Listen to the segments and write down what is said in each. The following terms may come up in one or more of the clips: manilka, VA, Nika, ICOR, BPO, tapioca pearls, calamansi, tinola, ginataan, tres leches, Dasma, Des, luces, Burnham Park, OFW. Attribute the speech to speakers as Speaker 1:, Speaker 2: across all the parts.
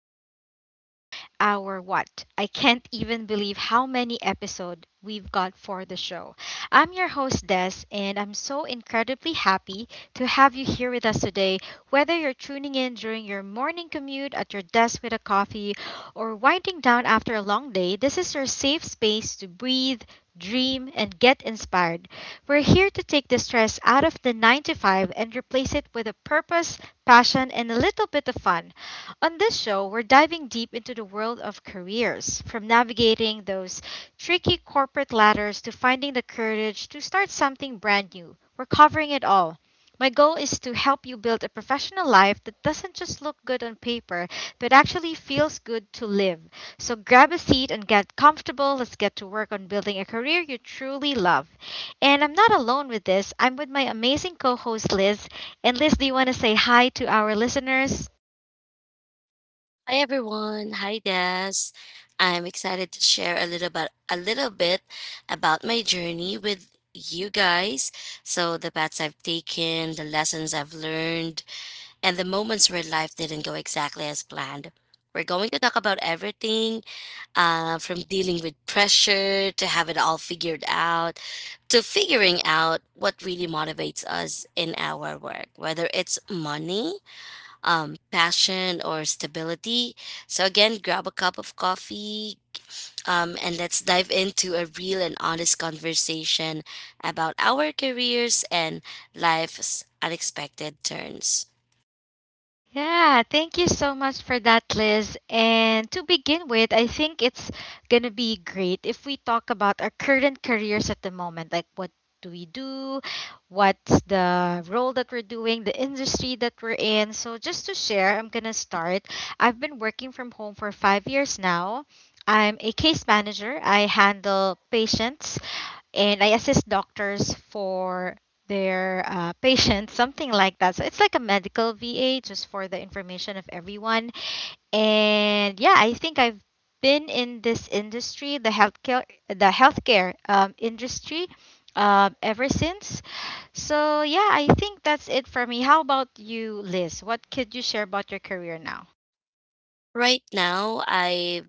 Speaker 1: Welcome to our what? I can't even believe how many episodes we've got for the show. I'm your host Des, and I'm so incredibly happy to have you here with us today. Whether you're tuning in during your morning commute at your desk with a coffee or winding down after a long day, this is your safe space to breathe, dream and get inspired. We're here to take the stress out of the 9 to 5 and replace it with a purpose, passion, and a little bit of fun. On this show, we're diving deep into the world of careers, from navigating those tricky corporate ladders to finding the courage to start something brand new. We're covering it all. My goal is to help you build a professional life that doesn't just look good on paper, but actually feels good to live. So grab a seat and get comfortable. Let's get to work on building a career you truly love. And I'm not alone with this. I'm with my amazing co host Liz, and Liz, do you want to say hi to our listeners?
Speaker 2: Hi everyone. Hi Des. I'm excited to share a little bit about my journey with you guys. So the paths I've taken, the lessons I've learned, and the moments where life didn't go exactly as planned. We're going to talk about everything from dealing with pressure to have it all figured out to figuring out what really motivates us in our work, whether it's money, passion, or stability. So, again, grab a cup of coffee, and let's dive into a real and honest conversation about our careers and life's unexpected turns.
Speaker 1: Yeah, thank you so much for that, Liz. And to begin with, I think it's gonna be great if we talk about our current careers at the moment. Like, what do we do? What's the role that we're doing? The industry that we're in? So, just to share, I'm gonna start. I've been working from home for 5 years now. I'm a case manager. I handle patients and I assist doctors for their patients, something like that. So it's like a medical VA just for the information of everyone. And yeah, I think I've been in this industry, the healthcare, the healthcare industry, ever since. So yeah, I think that's it for me. How about you, Liz? What could you share about your career now?
Speaker 2: Right now, I've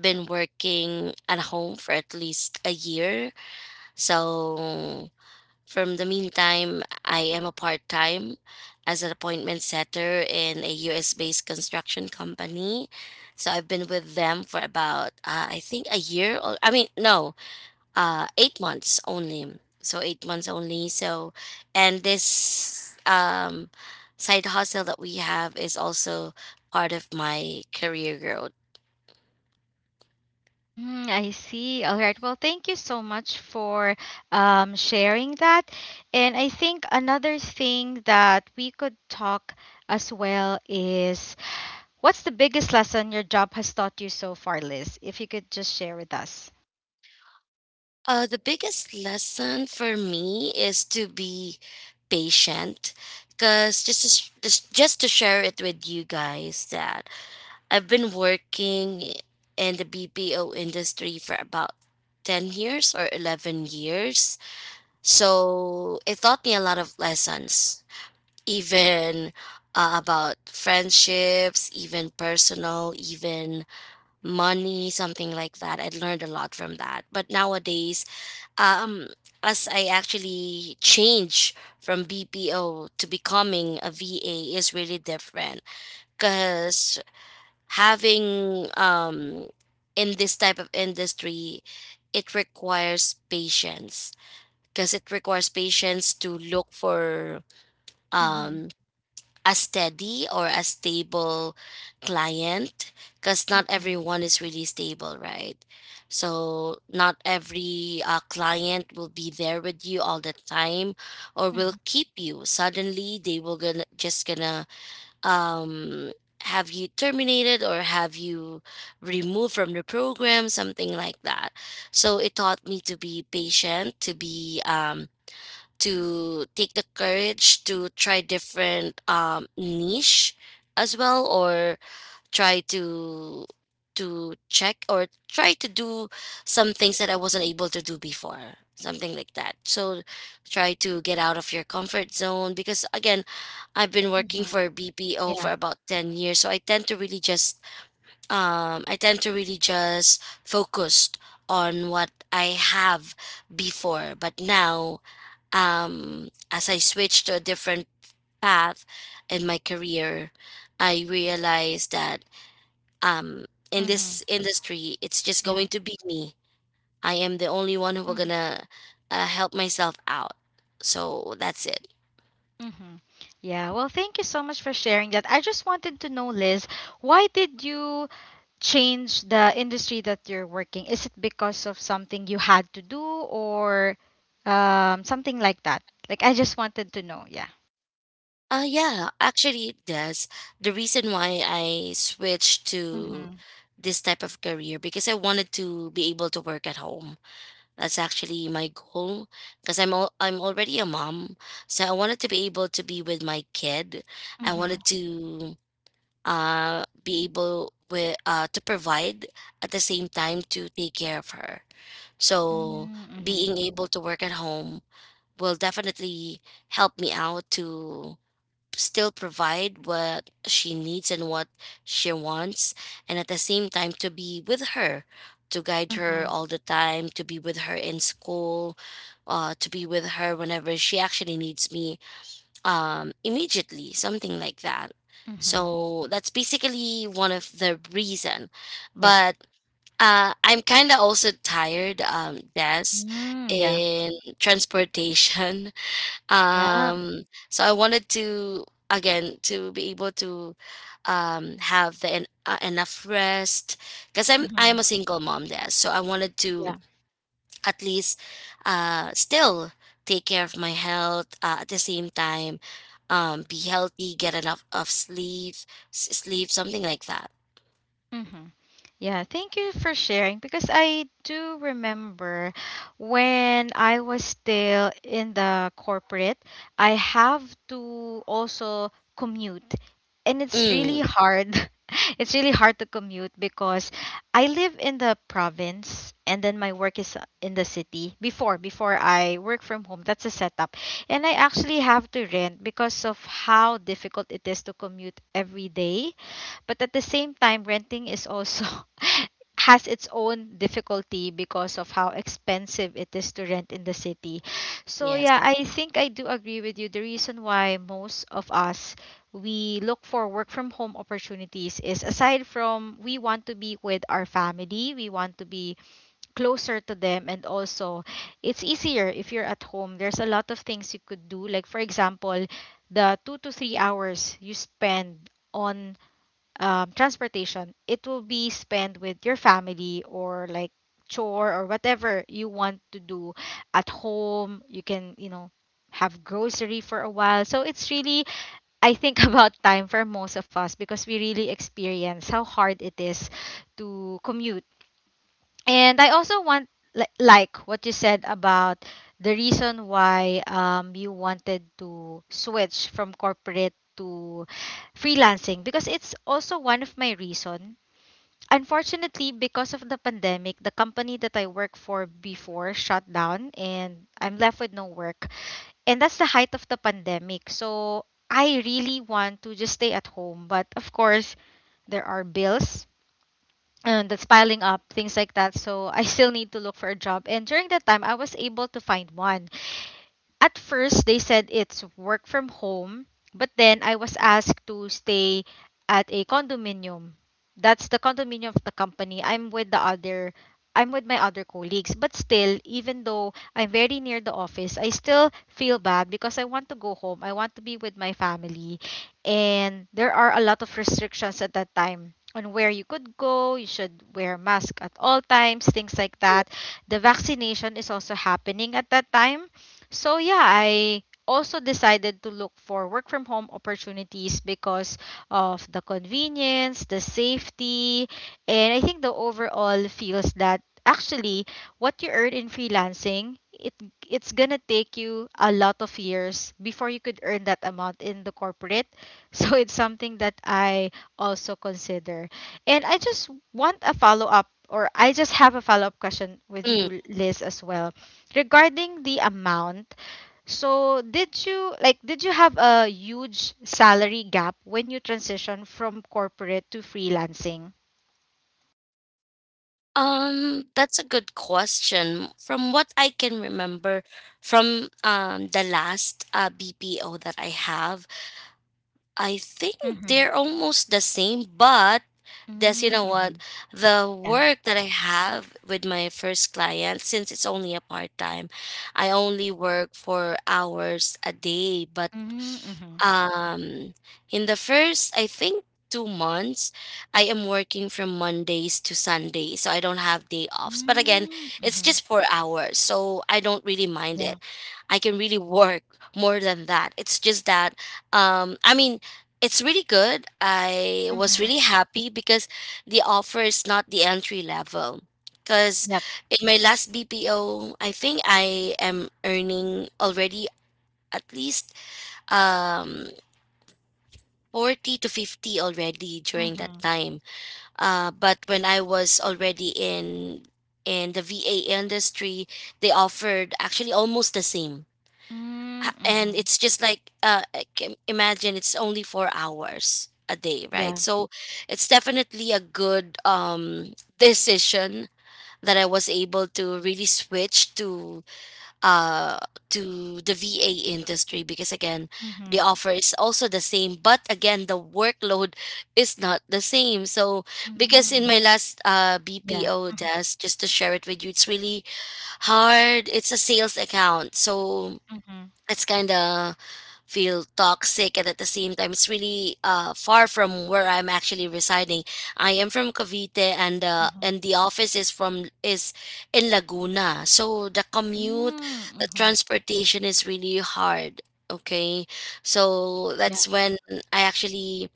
Speaker 2: been working at home for at least a year. So, from the meantime, I am a part time as an appointment setter in a US based construction company. So I've been with them for about, I think, a year or I mean, no, 8 months only. So 8 months only. So, and this side hustle that we have is also part of my career growth.
Speaker 1: Mm, I see. All right. Well, thank you so much for sharing that. And I think another thing that we could talk as well is, what's the biggest lesson your job has taught you so far, Liz? If you could just share with us.
Speaker 2: The biggest lesson for me is to be patient because just to share it with you guys that I've been working in the BPO industry for about 10 years or 11 years. So it taught me a lot of lessons, even about friendships, even personal, even money, something like that. I learned a lot from that. But nowadays, um as I actually change from BPO to becoming a VA is really different because having in this type of industry it requires patience because it requires patience to look for
Speaker 1: Mm-hmm.
Speaker 2: um a steady or a stable client because not
Speaker 1: Mm-hmm.
Speaker 2: everyone is really stable, right? So not every client will be there with you all the time or will keep you. Suddenly they will gonna um have you terminated or have you removed from the program, something like that. So it taught me to be patient, to be to take the courage to try different niche as well, or try to check or try to do some things that I wasn't able to do before, something like that. So try to get out of your comfort zone because again I've been working
Speaker 1: Mm-hmm.
Speaker 2: for BPO for
Speaker 1: Yeah.
Speaker 2: about 10 years, so I tend to really just I tend to really just focused on what I have before. But now, as I switched to a different path in my career, I realized that um, in
Speaker 1: Mm-hmm.
Speaker 2: this industry, it's just
Speaker 1: Yeah.
Speaker 2: going to be me. I am the only one who will gonna help myself out. So that's it.
Speaker 1: Mm-hmm. Yeah, well, thank you so much for sharing that. I just wanted to know, Liz, why did you change the industry that you're working? Is it because of something you had to do or something like that? Like, I just wanted to know. Yeah.
Speaker 2: Yeah, actually, it does. The reason why I switched to
Speaker 1: Mm-hmm.
Speaker 2: this type of career because I wanted to be able to work at home. That's actually my goal because I'm already a mom, so I wanted to be able to be with my kid. I
Speaker 1: Mm-hmm.
Speaker 2: wanted to be able with to provide at the same time to take care of her. So
Speaker 1: Mm-hmm.
Speaker 2: being able to work at home will definitely help me out to still provide what she needs and what she wants and at the same time to be with her, to guide her
Speaker 1: Mm-hmm.
Speaker 2: all the time, to be with her in school, to be with her whenever she actually needs me, immediately, something like that.
Speaker 1: Mm-hmm.
Speaker 2: So that's basically one of the reason.
Speaker 1: Yeah.
Speaker 2: But I'm kind of also tired, Des,
Speaker 1: Mm, yeah.
Speaker 2: in transportation,
Speaker 1: Yeah.
Speaker 2: um so I wanted to again to be able to have enough rest because i'm
Speaker 1: Mm-hmm.
Speaker 2: i'm a single mom there, so I wanted to
Speaker 1: Yeah.
Speaker 2: at least still take care of my health at the same time, be healthy, get enough of sleep, sleep, something like that.
Speaker 1: Mm-hmm. Yeah, thank you for sharing because I do remember when I was still in the corporate, I have to also commute. And it's really
Speaker 2: Mm.
Speaker 1: hard. It's really hard to commute because I live in the province and then my work is in the city. Before I work from home, that's a setup. And I actually have to rent because of how difficult it is to commute every day, but at the same time, renting is also has its own difficulty because of how expensive it is to rent in the city. So
Speaker 2: Yes.
Speaker 1: yeah, I think I do agree with you. The reason why most of us we look for work from home opportunities is, aside from we want to be with our family, we want to be closer to them, and also it's easier if you're at home. There's a lot of things you could do. Like for example, the 2 to 3 hours you spend on transportation, it will be spent with your family or like chore or whatever you want to do at home. You can, you know, have grocery for a while. So it's really, I think, about time for most of us because we really experience how hard it is to commute, and I also want like what you said about the reason why you wanted to switch from corporate to freelancing, because it's also one of my reason. Unfortunately, because of the pandemic, the company that I worked for before shut down and I'm left with no work. And that's the height of the pandemic. So I really want to just stay at home, but of course, there are bills and that's piling up, things like that. So I still need to look for a job. And during that time, I was able to find one. At first, they said it's work from home, but then I was asked to stay at a condominium. That's the condominium of the company. I'm with my other colleagues, but still, even though I'm very near the office, I still feel bad because I want to go home. I want to be with my family. And there are a lot of restrictions at that time on where you could go. You should wear mask at all times, things like that. The vaccination is also happening at that time, so yeah, I also decided to look for work from home opportunities because of the convenience, the safety, and I think the overall feels that actually what you earn in freelancing, it's gonna take you a lot of years before you could earn that amount in the corporate. So it's something that I also consider. And I just have a follow up question with
Speaker 2: Mm.
Speaker 1: you, Liz, as well regarding the amount, so did you have a huge salary gap when you transition from corporate to freelancing?
Speaker 2: That's a good question. From what I can remember from the last BPO that I have, I think
Speaker 1: Mm-hmm.
Speaker 2: they're almost the same, but there's you know what
Speaker 1: Mm-hmm.
Speaker 2: the
Speaker 1: Yeah.
Speaker 2: work that I have with my first client since it's only a part time, I only work for hours a day, but
Speaker 1: Mm-hmm.
Speaker 2: um, in the first, I think, 2 months, I am working from Mondays to Sunday, so I don't have day offs. But again, it's
Speaker 1: Mm-hmm.
Speaker 2: just 4 hours, so I don't really mind
Speaker 1: Yeah.
Speaker 2: it. I can really work more than that. It's just that, um, I mean, it's really good. I was
Speaker 1: Mm-hmm.
Speaker 2: really happy because the offer is not the entry level. Because
Speaker 1: Yep.
Speaker 2: in my last BPO, I think I am earning already at least um 40 to 50 already during that
Speaker 1: Mm-hmm.
Speaker 2: time. But when I was already in the VA industry, they offered actually almost the same. And
Speaker 1: Mm-hmm.
Speaker 2: it's just like I can imagine it's only 4 hours a day, right?
Speaker 1: Yeah.
Speaker 2: So it's definitely a good decision that I was able to really switch to uh the VA industry because again the
Speaker 1: Mm-hmm.
Speaker 2: offer is also the same, but again the workload is not the same. So because in
Speaker 1: Mm-hmm.
Speaker 2: my last
Speaker 1: Yeah.
Speaker 2: BPO desk, just to share it with you, it's really hard. It's a sales account, so
Speaker 1: Mm-hmm.
Speaker 2: it's kind of feel toxic, and at the same time it's really far from where I'm actually residing. I am from Cavite, and
Speaker 1: Mm-hmm.
Speaker 2: the office is from is in Laguna, so the commute, the
Speaker 1: Mm-hmm.
Speaker 2: transportation is really hard. Okay. So
Speaker 1: Yeah.
Speaker 2: that's when I actually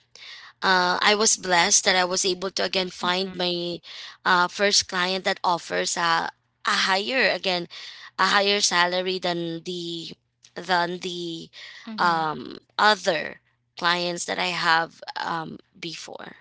Speaker 2: I was blessed that I was able to again find
Speaker 1: Mm-hmm.
Speaker 2: my first client that offers a higher, again, a higher salary than the than the
Speaker 1: Mm-hmm.
Speaker 2: other clients that I have before.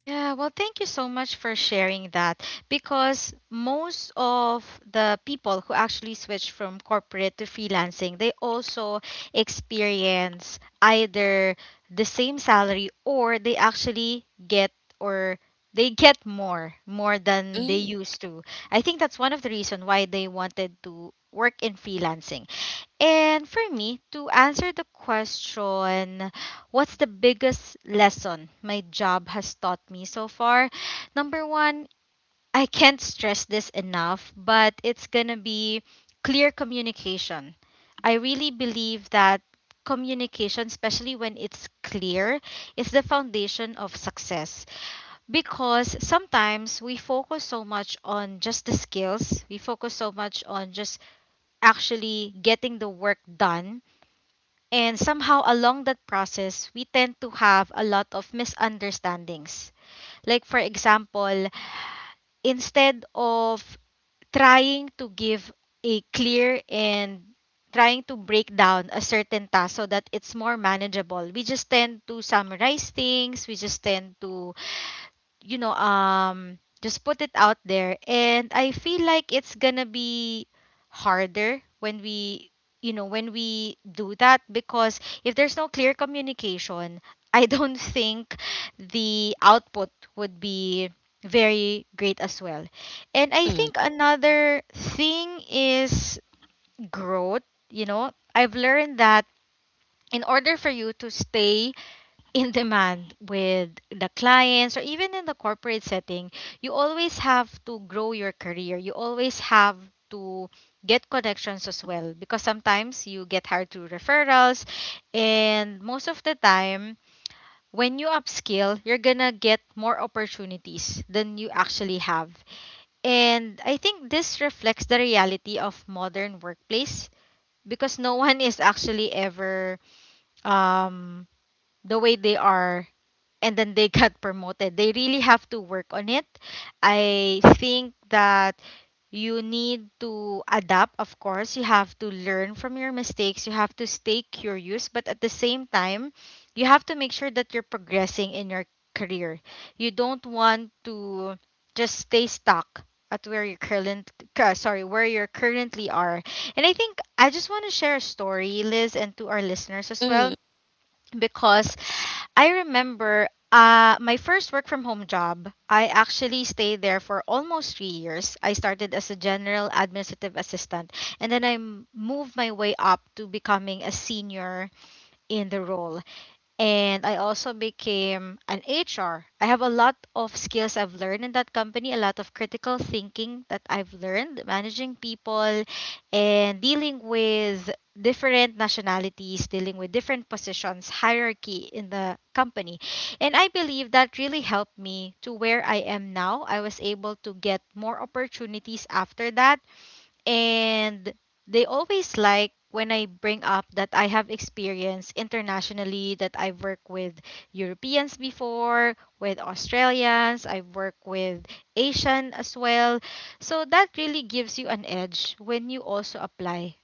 Speaker 1: Yeah, well, thank you so much for sharing that because most of the people who actually switch from corporate to freelancing, they also experience either the same salary, or they actually get, or they get more, more than they
Speaker 2: Mm,
Speaker 1: used to. I think that's one of the reason why they wanted to work in freelancing. And for me, to answer the question, what's the biggest lesson my job has taught me so far? Number one, I can't stress this enough, but it's gonna be clear communication. I really believe that communication, especially when it's clear, is the foundation of success because sometimes we focus so much on just the skills, we focus so much on just actually getting the work done, and somehow along that process, we tend to have a lot of misunderstandings. Like, for example, instead of trying to give a clear and trying to break down a certain task so that it's more manageable, we just tend to summarize things, we just tend to you know, just put it out there. And I feel like it's gonna be harder when we, you know, when we do that, because if there's no clear communication, I don't think the output would be very great as well. And I
Speaker 2: mm,
Speaker 1: think another thing is growth, you know. I've learned that in order for you to stay in demand with the clients or even in the corporate setting, you always have to grow your career. You always have to get connections as well because sometimes you get hired through referrals, and most of the time when you upskill, you're gonna get more opportunities than you actually have. And I think this reflects the reality of modern workplace because no one is actually ever um the way they are and then they got promoted. They really have to work on it. I think that you need to adapt, of course. You have to learn from your mistakes. You have to stay curious, but at the same time, you have to make sure that you're progressing in your career. You don't want to just stay stuck at where you're currently are. And I think I just want to share a story, Liz, and to our listeners as
Speaker 2: mm,
Speaker 1: well, because I remember my first work from home job, I actually stayed there for almost 3 years. I started as a general administrative assistant, and then moved my way up to becoming a senior in the role, and I also became an HR. I have a lot of skills I've learned in that company, a lot of critical thinking that I've learned, managing people and dealing with different nationalities, dealing with different positions, hierarchy in the company. And I believe that really helped me to where I am now. I was able to get more opportunities after that, and they always like when I bring up that I have experience internationally, that I've worked with Europeans before, with Australians, I've worked with Asian as well. So that really gives you an edge when you also apply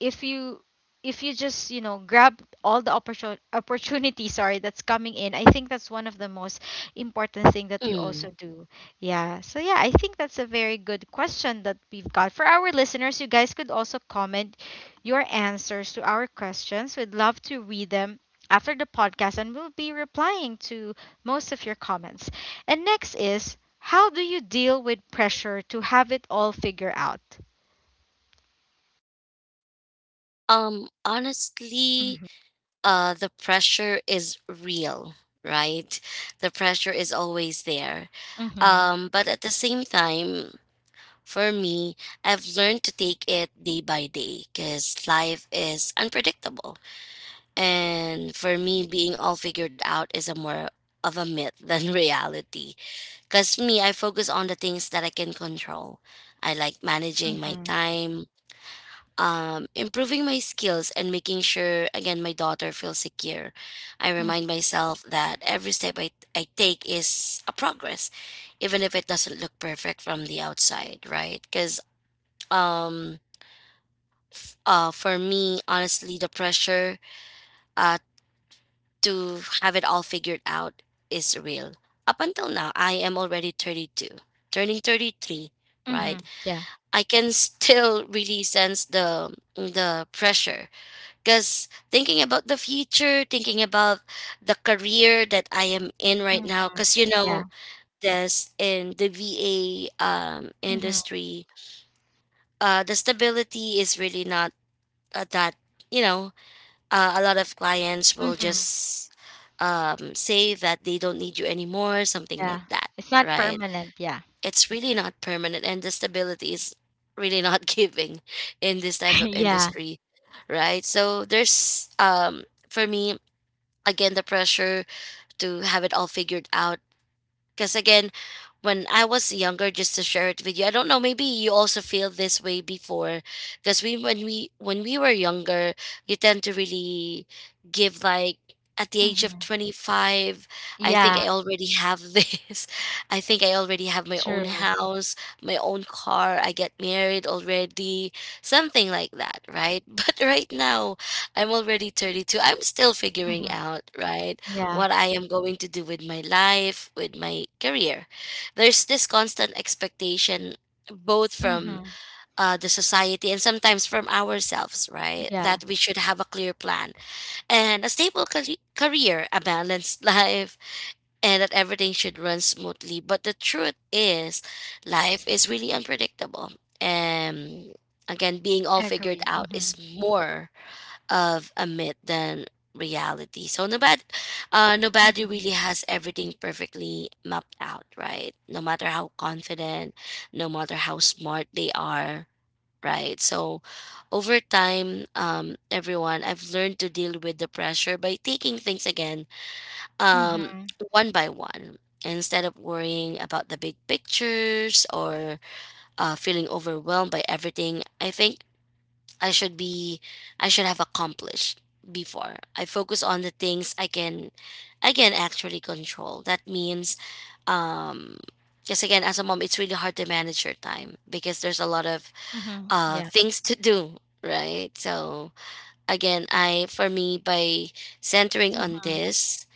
Speaker 1: if you if you just grab all the opportunity. Sorry, that's coming in. I think that's one of the most important thing that we also
Speaker 2: mm.
Speaker 1: do. Yeah. So, yeah, I think that's a very good question that we've got for our listeners. You guys could also comment your answers to our questions. We'd love to read them after the podcast, and we'll be replying to most of your comments. And next is, how do you deal with pressure to have it all figure out?
Speaker 2: Um, honestly,
Speaker 1: Mm-hmm.
Speaker 2: the pressure is real, right? The pressure is always there.
Speaker 1: Mm-hmm.
Speaker 2: But at the same time, for me, I've learned to take it day by day because life is unpredictable. And for me, being all figured out is a more of a myth than reality. Because me, I focus on the things that I can control. I like managing my
Speaker 1: Mm-hmm.
Speaker 2: time, improving my skills, and making sure again my daughter feels secure. I remind myself that I take is a progress, even if it doesn't look perfect from the outside, right? Because um for me, honestly, the pressure uh to have it all figured out is real. Up until now, I am already 32, turning 33,
Speaker 1: Mm-hmm.
Speaker 2: right?
Speaker 1: Yeah.
Speaker 2: I can still really sense the pressure. Because thinking about the future, thinking about the career that I am in right
Speaker 1: Mm-hmm.
Speaker 2: now, because you
Speaker 1: Yeah.
Speaker 2: know, this in the VA
Speaker 1: Mm-hmm.
Speaker 2: industry, the stability is really not that, you know, a lot of clients will
Speaker 1: Mm-hmm.
Speaker 2: just say that they don't need you anymore, something
Speaker 1: Yeah.
Speaker 2: like that,
Speaker 1: It's not
Speaker 2: right?
Speaker 1: permanent. Yeah.
Speaker 2: It's really not permanent, and the stability is really not giving in this type of
Speaker 1: yeah.
Speaker 2: industry, right? So there's for me, again, the pressure to have it all figured out. Because again, when I was younger, just to share it with you, I don't know, maybe you also feel this way before. Because we when we when we were younger, you tend to really give like at the age of
Speaker 1: Mm-hmm.
Speaker 2: 25, I think
Speaker 1: Yeah.
Speaker 2: I already have this, I think I already have my own
Speaker 1: True.
Speaker 2: house, my own car, I get married already, something like that, right? But right now, I'm already 32, I'm still figuring
Speaker 1: Mm-hmm.
Speaker 2: out, right,
Speaker 1: Yeah.
Speaker 2: what I am going to do with my life, with my career. There's this constant expectation, both from
Speaker 1: Mm-hmm.
Speaker 2: the society and sometimes from ourselves, right?
Speaker 1: Yeah.
Speaker 2: That we should have a clear plan and a stable career, a balanced life, and that everything should run smoothly. But the truth is, life is really unpredictable. And again, being all figured
Speaker 1: Agree.
Speaker 2: out
Speaker 1: Mm-hmm.
Speaker 2: is more of a myth than reality. So nobody, nobody
Speaker 1: Mm-hmm.
Speaker 2: really has everything perfectly mapped out, right? No matter how confident, no matter how smart they are, right? So over time, everyone, I've learned to deal with the pressure by taking things, again, um,
Speaker 1: Mm-hmm.
Speaker 2: one by one. Instead of worrying about the big pictures or feeling overwhelmed by everything, I think I should be I should have accomplished before. I focus on the things I can actually control. That means um because again as a mom it's really hard to manage your time because there's a lot of
Speaker 1: Mm-hmm. Yeah.
Speaker 2: things to do, right? So again, I for me, by centering on
Speaker 1: Mm-hmm.
Speaker 2: this,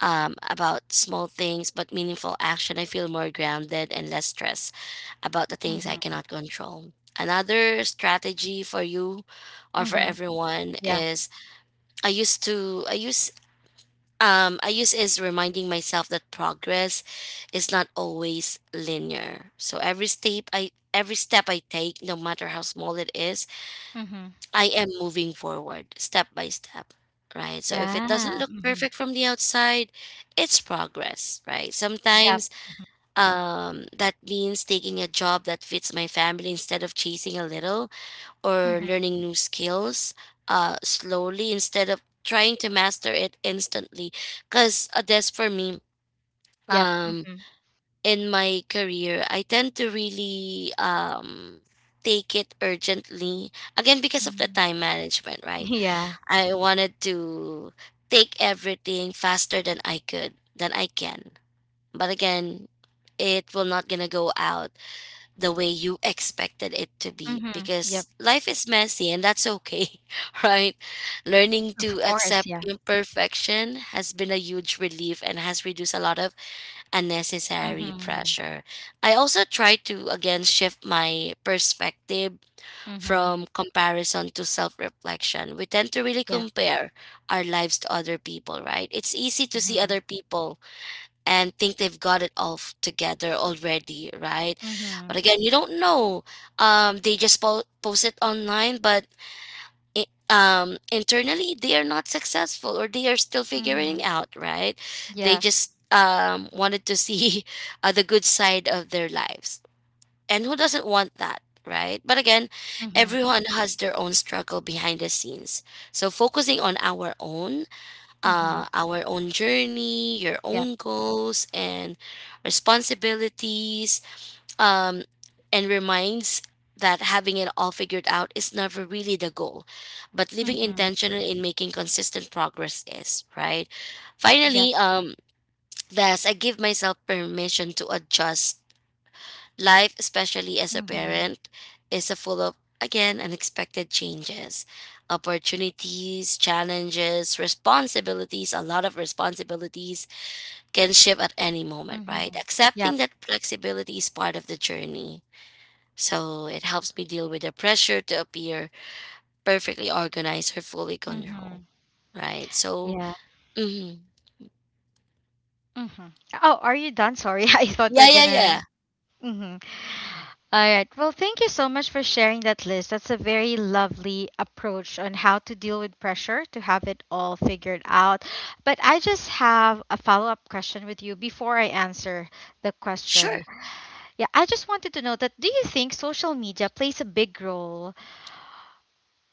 Speaker 2: about small things but meaningful action, I feel more grounded and less stressed about the things I
Speaker 1: Mm-hmm.
Speaker 2: cannot control. Another strategy for you or for
Speaker 1: Mm-hmm.
Speaker 2: everyone
Speaker 1: Yeah.
Speaker 2: is I used to I use is reminding myself that progress is not always linear. So every step I take, no matter how small it is,
Speaker 1: Mm-hmm.
Speaker 2: I am moving forward step by step. Right. So if it
Speaker 1: Yeah.
Speaker 2: doesn't look
Speaker 1: Mm-hmm.
Speaker 2: perfect from the outside, it's progress, right?
Speaker 1: Yep.
Speaker 2: Sometimes that means taking a job that fits my family instead of chasing a little, or
Speaker 1: Mm-hmm.
Speaker 2: learning new skills slowly instead of trying to master it instantly. Because that's for me,
Speaker 1: Yep.
Speaker 2: um,
Speaker 1: Mm-hmm.
Speaker 2: in my career, I tend to really take it urgently. Again, because of the
Speaker 1: Mm-hmm.
Speaker 2: time management, right?
Speaker 1: Yeah.
Speaker 2: I wanted to take everything faster than I could, than I can. But again, it will not gonna go out the way you expected it to be
Speaker 1: Mm-hmm.
Speaker 2: because
Speaker 1: Yep.
Speaker 2: life is messy and that's okay, right? Learning
Speaker 1: Of
Speaker 2: to
Speaker 1: course.
Speaker 2: accept
Speaker 1: Yeah.
Speaker 2: imperfection has been a huge relief and has reduced a lot of unnecessary
Speaker 1: Mm-hmm.
Speaker 2: pressure. I also try to again shift my perspective
Speaker 1: Mm-hmm.
Speaker 2: from comparison to self reflection. We tend to really
Speaker 1: Yep.
Speaker 2: compare our lives to other people, right? It's easy to see
Speaker 1: Mm-hmm.
Speaker 2: other people and think they've got it all together already, right?
Speaker 1: Mm-hmm.
Speaker 2: But again, you don't know. They just post it online, but I internally they are not successful or they are still figuring
Speaker 1: Mm-hmm.
Speaker 2: out, right? They
Speaker 1: Yeah.
Speaker 2: just wanted to see the good side of their lives, and who doesn't want that? Right. But again,
Speaker 1: Mm-hmm.
Speaker 2: everyone has their own struggle behind the scenes. So focusing on
Speaker 1: Mm-hmm.
Speaker 2: our own journey, your
Speaker 1: Yep.
Speaker 2: own goals and responsibilities, um, and reminds that having it all figured out is never really the goal, but living
Speaker 1: Mm-hmm.
Speaker 2: intentional in making consistent progress is, right?
Speaker 1: Yep.
Speaker 2: Finally, I give myself permission to adjust. Life, especially as a
Speaker 1: Mm-hmm.
Speaker 2: parent, is a full of again unexpected changes, opportunities, challenges, responsibilities, a lot of responsibilities can shift at any moment,
Speaker 1: Mm-hmm.
Speaker 2: right?
Speaker 1: Yep.
Speaker 2: Accepting that flexibility is part of the journey. So it helps me deal with the pressure to appear perfectly organized or fully
Speaker 1: Mm-hmm.
Speaker 2: controlled, right? So,
Speaker 1: Yeah.
Speaker 2: mhm.
Speaker 1: Mm-hmm. Oh, are you done? Sorry, I thought you're
Speaker 2: Yeah, yeah,
Speaker 1: gonna.
Speaker 2: yeah.
Speaker 1: Mm-hmm. All right. Well, thank you so much for sharing that list. That's a very lovely approach on how to deal with pressure to have it all figured out. But I just have a follow-up question with you before I answer the
Speaker 2: Sure.
Speaker 1: question. Yeah, I just wanted to know that, do you think social media plays a big role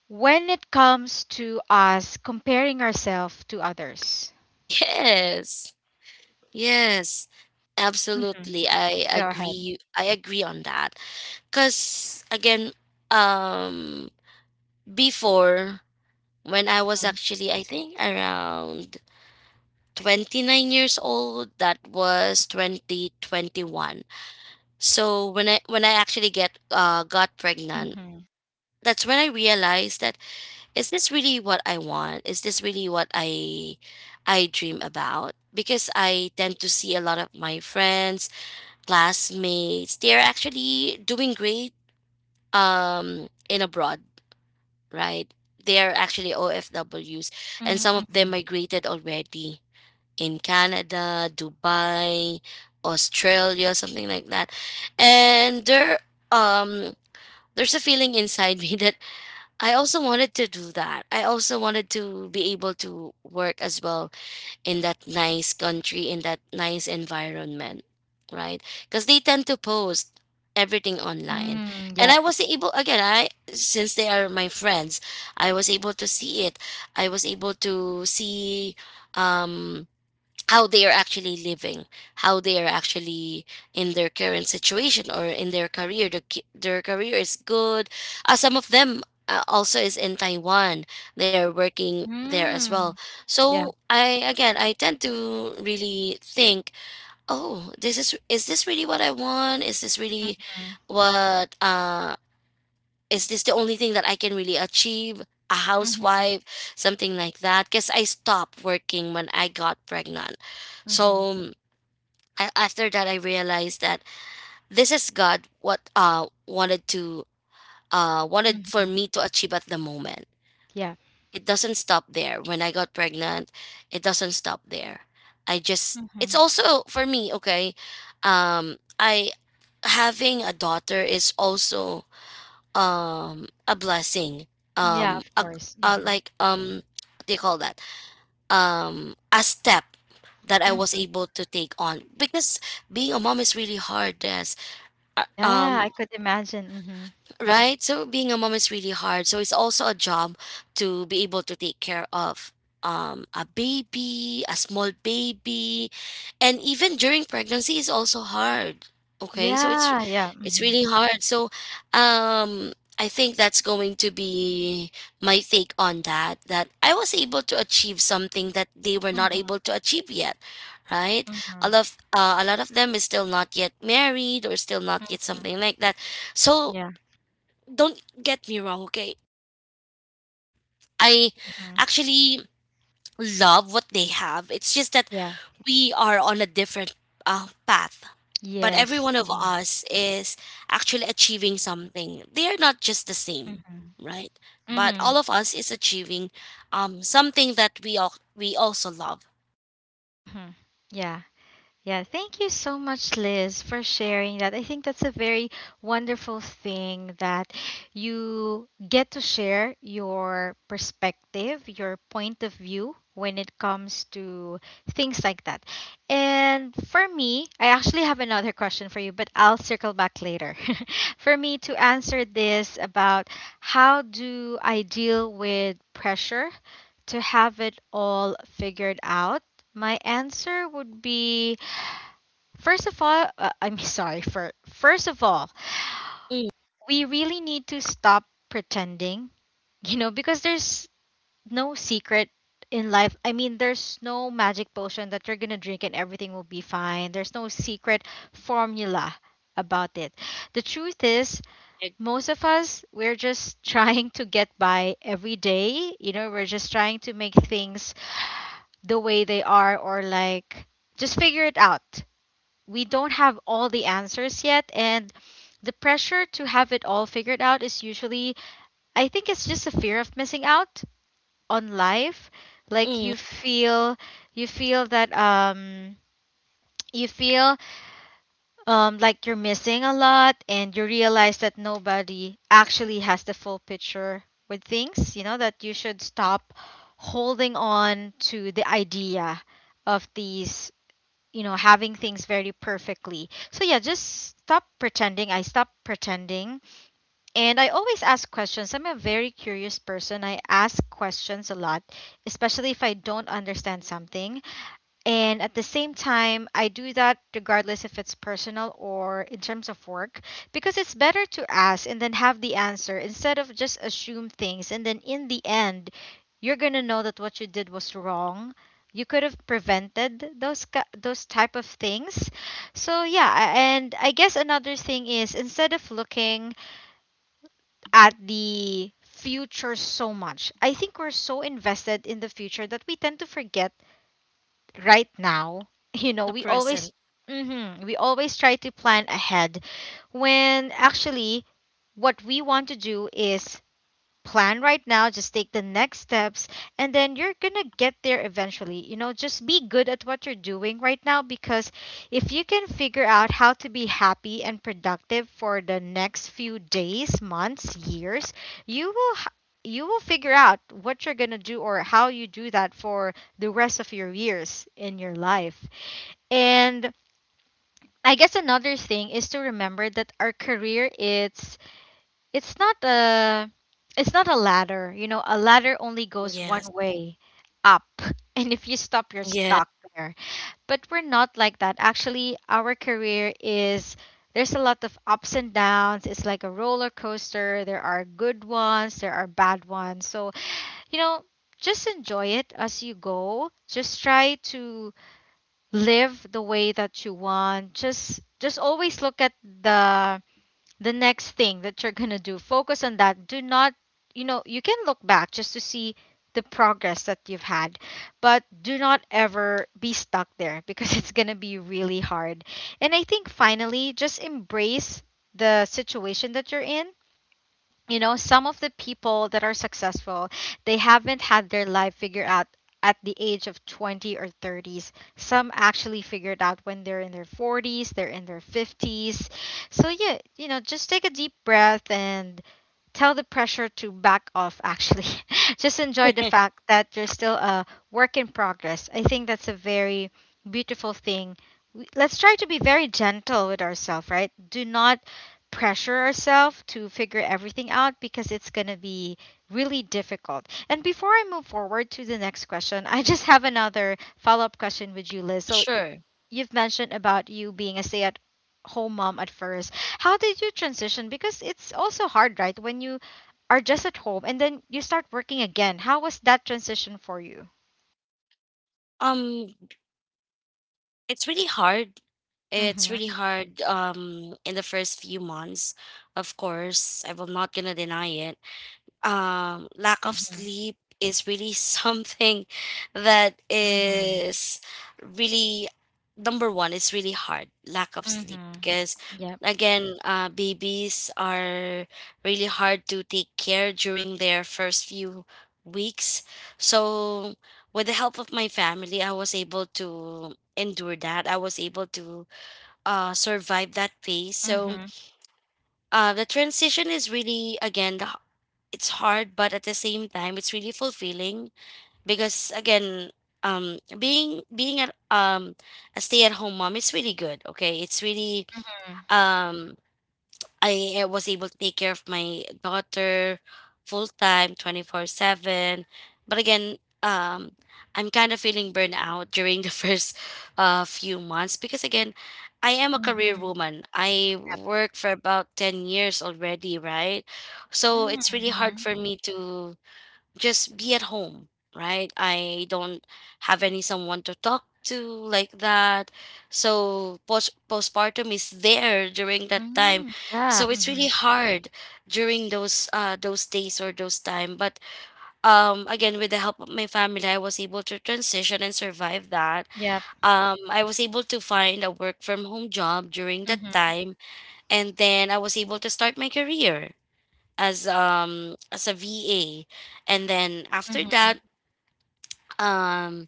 Speaker 1: when it comes to us comparing ourselves to others?
Speaker 2: Yes. Yes,
Speaker 1: Hmm.
Speaker 2: absolutely. I
Speaker 1: Go ahead.
Speaker 2: agree. I agree on that. Cause again, um, before when I was
Speaker 1: Mm-hmm.
Speaker 2: actually, I think around 29 years old, that was 2021. So when I actually get got pregnant,
Speaker 1: Mm-hmm.
Speaker 2: that's when I realized that is this really what I want? Is this really what I dream about? Because I tend to see a lot of my friends classmates, they're actually doing great in abroad, right? They're actually OFWs and some of them
Speaker 1: Mm-hmm.
Speaker 2: migrated already in Canada, Dubai, Australia, something like that. And um there's a feeling inside me that I also wanted to do that. I also wanted to be able to work as well in that nice country, in that nice environment, right? Because they tend to post everything online.
Speaker 1: Mm,
Speaker 2: And
Speaker 1: yep.
Speaker 2: I was able, again, since they are my friends, I was able to see it. I was able to see, um, how they are actually living, how they are actually in their current situation or in their career. Their career is good. Some of them also is in Taiwan. They are working there as well.
Speaker 1: Mm, yeah.
Speaker 2: So I tend to really think, oh, this is this really what I want? Is this really
Speaker 1: Mm-hmm.
Speaker 2: what is this the only thing that I can really achieve? A
Speaker 1: Mm-hmm.
Speaker 2: housewife, something like that. Because I stopped working when I got pregnant.
Speaker 1: Mm-hmm.
Speaker 2: So after that, I realized that this is God what wanted to wanted for
Speaker 1: Mm-hmm.
Speaker 2: me to achieve at the moment.
Speaker 1: Yeah.
Speaker 2: It doesn't stop there. When I got pregnant, it doesn't stop there. I just it's
Speaker 1: Mm-hmm.
Speaker 2: also for me okay. I having a daughter is also a blessing
Speaker 1: Yeah,
Speaker 2: um
Speaker 1: of
Speaker 2: a,
Speaker 1: course.
Speaker 2: a
Speaker 1: Mm-hmm.
Speaker 2: like what do you call that a step that I was
Speaker 1: Mm-hmm.
Speaker 2: able to take on because being a mom is really hard as
Speaker 1: Yeah, I
Speaker 2: um
Speaker 1: could imagine. Mm-hmm.
Speaker 2: right? So being a mom is really hard. So it's also a job to be able to take care of a baby, a small baby, and even during pregnancy is also hard. Okay? So it's
Speaker 1: Yeah, yeah.
Speaker 2: it's
Speaker 1: Mm-hmm.
Speaker 2: really hard. So um I think that's going to be my take on that that I was able to achieve something that they were not
Speaker 1: Mm-hmm.
Speaker 2: able to achieve yet, right?
Speaker 1: Mm-hmm.
Speaker 2: A lot of them is still not yet married or still not yet
Speaker 1: Mm-hmm.
Speaker 2: something like that. So
Speaker 1: Yeah.
Speaker 2: don't get me wrong, okay? I
Speaker 1: Mm-hmm.
Speaker 2: actually love what they have. It's just that
Speaker 1: Yeah.
Speaker 2: we are on a different path. But every
Speaker 1: Yes.
Speaker 2: one of
Speaker 1: Mm-hmm.
Speaker 2: us is actually achieving something. They are not just the same,
Speaker 1: Mm-hmm.
Speaker 2: right? But
Speaker 1: Mm-hmm.
Speaker 2: all of us is achieving something that we also love.
Speaker 1: Mm-hmm. Yeah. Yeah, thank you so much, Liz, for sharing that. I think that's a very wonderful thing that you get to share your perspective, your point of view when it comes to things like that. And for me, I actually have another question for you, but I'll circle back later. For me to answer this about how do I deal with pressure to have it all figured out, my answer would be, first of all, I'm sorry. For first of all,
Speaker 2: Mm,
Speaker 1: we really need to stop pretending, because there's no secret in life. I mean, there's no magic potion that you're going to drink and everything will be fine. There's no secret formula about it. The truth is,
Speaker 2: ag-
Speaker 1: most of us we're just trying to get by every day. We're just trying to make things the way they are, or like just figure it out. We don't have all the answers yet, and the pressure to have it all figured out is usually, I think, it's just a fear of missing out on life. Like,
Speaker 2: mm,
Speaker 1: you feel that you feel like you're missing a lot, and you realize that nobody actually has the full picture with things. That you should stop holding on to the idea of these, having things very perfectly. So yeah, just stop pretending. I stop pretending, and I always ask questions. I'm a very curious person. I ask questions a lot, especially if I don't understand something. And at the same time, I do that regardless if it's personal or in terms of work, because it's better to ask and then have the answer instead of just assume things. And then in the end, you're going to know that what you did was wrong. You could have prevented those those type of things. So yeah, and I guess another thing is, instead of looking at the future so much, I think we're so invested in the future that we tend to forget right now.
Speaker 2: the
Speaker 1: We always,
Speaker 2: present.
Speaker 1: mhm, we always try to plan ahead when actually what we want to do is plan right now, just take the next steps, and then you're gonna get there eventually. You know, just be good at what you're doing right now, because if you can figure out how to be happy and productive for the next few days, months, years, you will. You will figure out what you're going to do or how you do that for the rest of your years in your life. And I guess another thing is to remember that our career is, it's not a it's not a ladder. You know, a ladder only goes
Speaker 2: Yes.
Speaker 1: one way, up. And if you stop, you're
Speaker 2: Yeah.
Speaker 1: stuck there. But we're not like that. Actually, our career is, there's a lot of ups and downs. It's like a roller coaster. There are good ones, there are bad ones. So, you know, just enjoy it as you go. Just try to live the way that you want. Just always look at the next thing that you're going to do. Focus on that. Do not, you know, you can look back just to see the progress that you've had, but do not ever be stuck there, because it's going to be really hard. And I think finally, just embrace the situation that you're in. You know, some of the people that are successful, they haven't had their life figured out at the age of 20 or 30s. Some actually figured out when they're in their 40s, they're in their 50s. So yeah, you know, just take a deep breath and tell the pressure to back off, actually. Just enjoy the fact that you're still a work in progress. I think that's a very beautiful thing. Let's try to be very gentle with ourselves, right? Do not pressure ourselves to figure everything out, because it's going to be really difficult. And before I move forward to the next question, I just have another follow-up question with you, Liz. So
Speaker 2: Sure.
Speaker 1: you've mentioned about you being a stay at home mom at first. How did you transition? Because it's also hard, right? When you are just at home and then you start working again. How was that transition for you?
Speaker 2: Um, it's really hard. It's
Speaker 1: Mm-hmm.
Speaker 2: really hard in the first few months. Of course, I will not gonna deny it. Lack of
Speaker 1: Mm-hmm.
Speaker 2: sleep is really something that
Speaker 1: Mm-hmm.
Speaker 2: is really number one. It's really hard lack of sleep
Speaker 1: Mm-hmm.
Speaker 2: because
Speaker 1: Yep.
Speaker 2: again babies are really hard to take care during their first few weeks. So with the help of my family I was able to endure that. I was able to survive that phase. So
Speaker 1: Mm-hmm.
Speaker 2: the transition is really again it's hard but at the same time it's really fulfilling because again being um a stay-at-home mom is really good. Okay, it's really um I was able to take care of my daughter full time 24/7 but again um I'm kind of feeling burnout during the first few months because again I am a career
Speaker 1: Mm-hmm.
Speaker 2: woman. I
Speaker 1: Yep.
Speaker 2: work for about 10 years already, right? So it's really hard
Speaker 1: Mm-hmm.
Speaker 2: for me to just be at home, right? I don't have any someone to talk to like that. So postpartum is there during that time.
Speaker 1: Mm-hmm. Yeah.
Speaker 2: So it's
Speaker 1: Mm-hmm.
Speaker 2: really hard during those days or those time. But again with the help of my family I was able to transition and survive that.
Speaker 1: Yep.
Speaker 2: I was able to find a work from home job during that
Speaker 1: Mm-hmm.
Speaker 2: time and then I was able to start my career as a VA. And then after
Speaker 1: Mm-hmm.
Speaker 2: that, um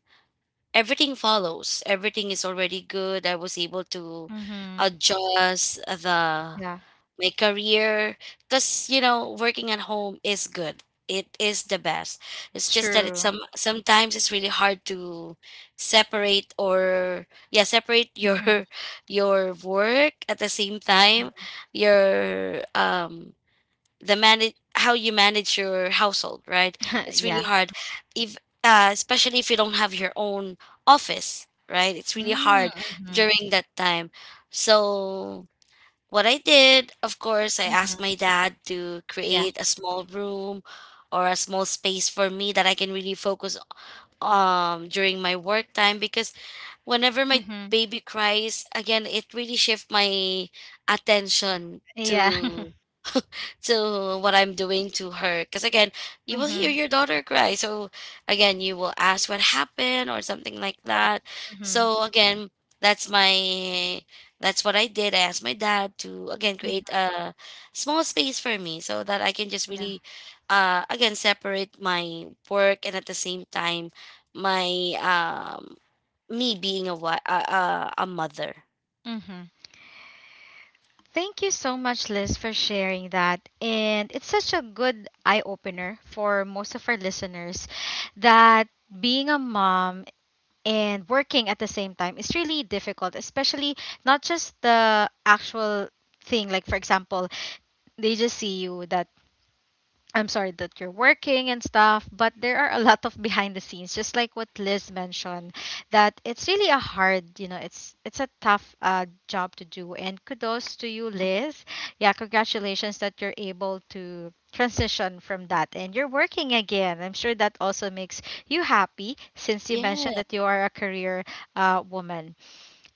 Speaker 2: everything is already good. I was able to
Speaker 1: Mm-hmm.
Speaker 2: adjust the
Speaker 1: Yeah.
Speaker 2: my career because you know working at home is good. It is the best. It's just that it's
Speaker 1: True.
Speaker 2: some sometimes it's really hard to separate, or yeah, separate your
Speaker 1: Mm-hmm.
Speaker 2: your work at the same time
Speaker 1: Mm-hmm.
Speaker 2: your the manage how you manage your household, right? It's really
Speaker 1: yeah.
Speaker 2: hard if especially if you don't have your own office, right? It's really hard
Speaker 1: Mm-hmm.
Speaker 2: during that time. So what I did, of course, I asked
Speaker 1: Mm-hmm.
Speaker 2: my dad to create a small room or a small space for me that I can really focus during my work time because whenever my
Speaker 1: Yeah.
Speaker 2: baby cries, again, it really shifts my attention
Speaker 1: Yeah.
Speaker 2: to what I'm doing to her. Because again, you will hear
Speaker 1: Mm-hmm.
Speaker 2: your daughter cry. So again, you will ask what happened or something like
Speaker 1: Yep.
Speaker 2: that.
Speaker 1: Mm-hmm.
Speaker 2: So again, that's my that's what I did. I asked my dad to again create
Speaker 1: Mm-hmm.
Speaker 2: a small space for me so that I can just
Speaker 1: Yeah.
Speaker 2: really again separate my work and at the same time my me being a mother.
Speaker 1: Mm-hmm. Thank you so much, Liz, for sharing that. And it's such a good eye opener for most of our listeners that being a mom and working at the same time is really difficult, especially not just the actual thing. Like, for example, they just see you that, I'm sorry that you're working and stuff, but there are a lot of behind the scenes, just like what Liz mentioned, that it's really a hard, you know, it's a tough job to do. And kudos to you, Liz. Yeah, congratulations that you're able to transition from that and you're working again. I'm sure that also makes you happy since you
Speaker 2: Yeah.
Speaker 1: mentioned that you are a career woman.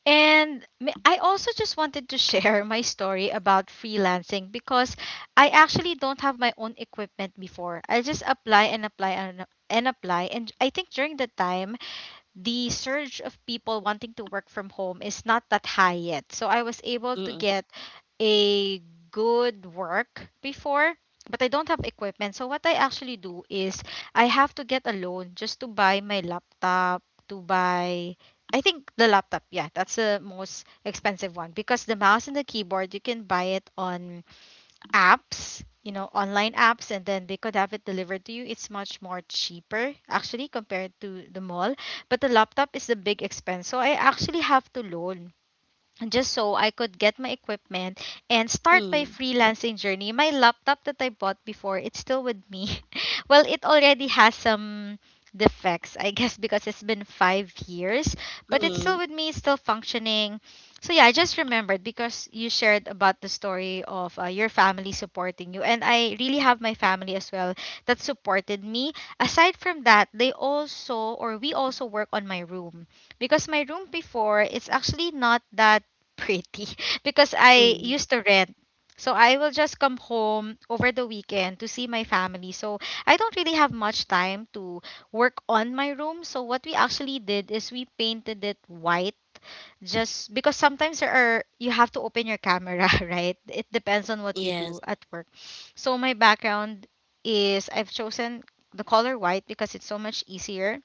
Speaker 1: I also just wanted to share my story about freelancing, because I actually don't have my own equipment before. I just apply and apply and apply. And I think during the time, the surge of people wanting to work from home is not that high yet. So I was able to
Speaker 2: Mm-mm.
Speaker 1: get a good work before, but I don't have equipment. So what I actually do is, I have to get a loan just to buy my laptop, to buy, I think the laptop, yeah, that's the most expensive one, because the mouse and the keyboard you can buy it on apps, you know, online apps, and then they could have it delivered to you. It's much more cheaper, actually, compared to the mall. But the laptop is the big expense. So I actually have to loan just so I could get my equipment and start my freelancing journey. My laptop that I bought before, it's still with me. Well, it already has some defects, I guess, because it's been 5 years, but it's still
Speaker 2: Mm-mm.
Speaker 1: with me, still functioning. So, yeah, I just remembered because you shared about the story of your family supporting you, and I really have my family as well that supported me. Aside from that, they also, or we also work on my room, because my room before, it's actually not that pretty because I
Speaker 2: Mm-mm.
Speaker 1: used to rent. So I will just come home over the weekend to see my family. So I don't really have much time to work on my room. So what we actually did is we painted it white, just because sometimes there are, you have to open your camera, right? It depends on what you
Speaker 2: Yes.
Speaker 1: do at work. So my background is, I've chosen the color white because it's so much easier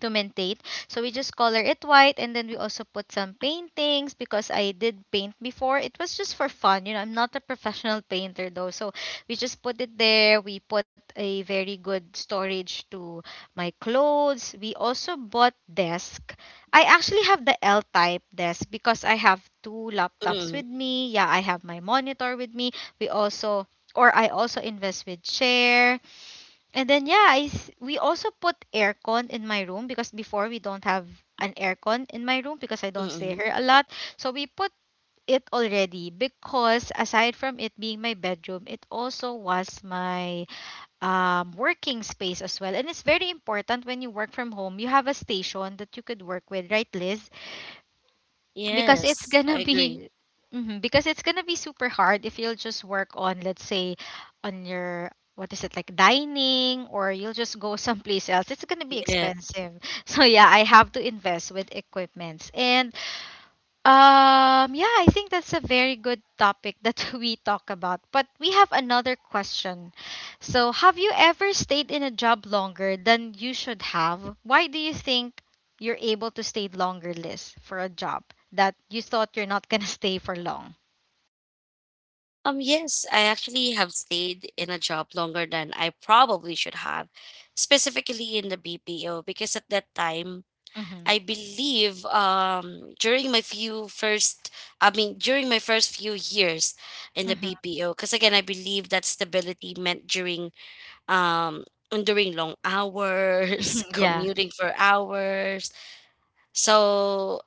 Speaker 1: to maintain. So we just color it white, and then we also put some paintings because I did paint before. It was just for fun. You know, I'm not a professional painter though. So we just put it there. We put a very good storage to my clothes. We also bought desk. I actually have the L type desk because I have two laptops
Speaker 2: Mm.
Speaker 1: with me. Yeah, I have my monitor with me. We also or I also invest with chair. And then yeah, we also put aircon in my room because before we don't have an aircon in my room because I don't stay
Speaker 2: Mm.
Speaker 1: here a lot. So we put it already because aside from it being my bedroom, it also was my working space as well. And it's very important when you work from home, you have a station that you could work with, right, Liz? Because it's
Speaker 2: Yes,
Speaker 1: gonna
Speaker 2: I agree.
Speaker 1: be Mhm. Because it's gonna be super hard if you'll just work on, let's say, on your, what is it, like, dining, or you'll just go someplace else, it's gonna be
Speaker 2: Yeah.
Speaker 1: expensive. so yeah, I have to invest with equipments. And yeah, I think that's a very good topic that we talk about. But we have another question. So, have you ever stayed in a job longer than you should have? Why do you think you're able to stay longer, Liz, for a job that you thought you're not gonna stay for long?
Speaker 2: Yes, I actually have stayed in a job longer than I probably should have, specifically in the BPO, because at that time,
Speaker 1: Mm-hmm.
Speaker 2: I believe during my first few years in the
Speaker 1: Mm-hmm.
Speaker 2: BPO, because again, I believe that stability meant um during long hours,
Speaker 1: yeah.
Speaker 2: commuting for hours. So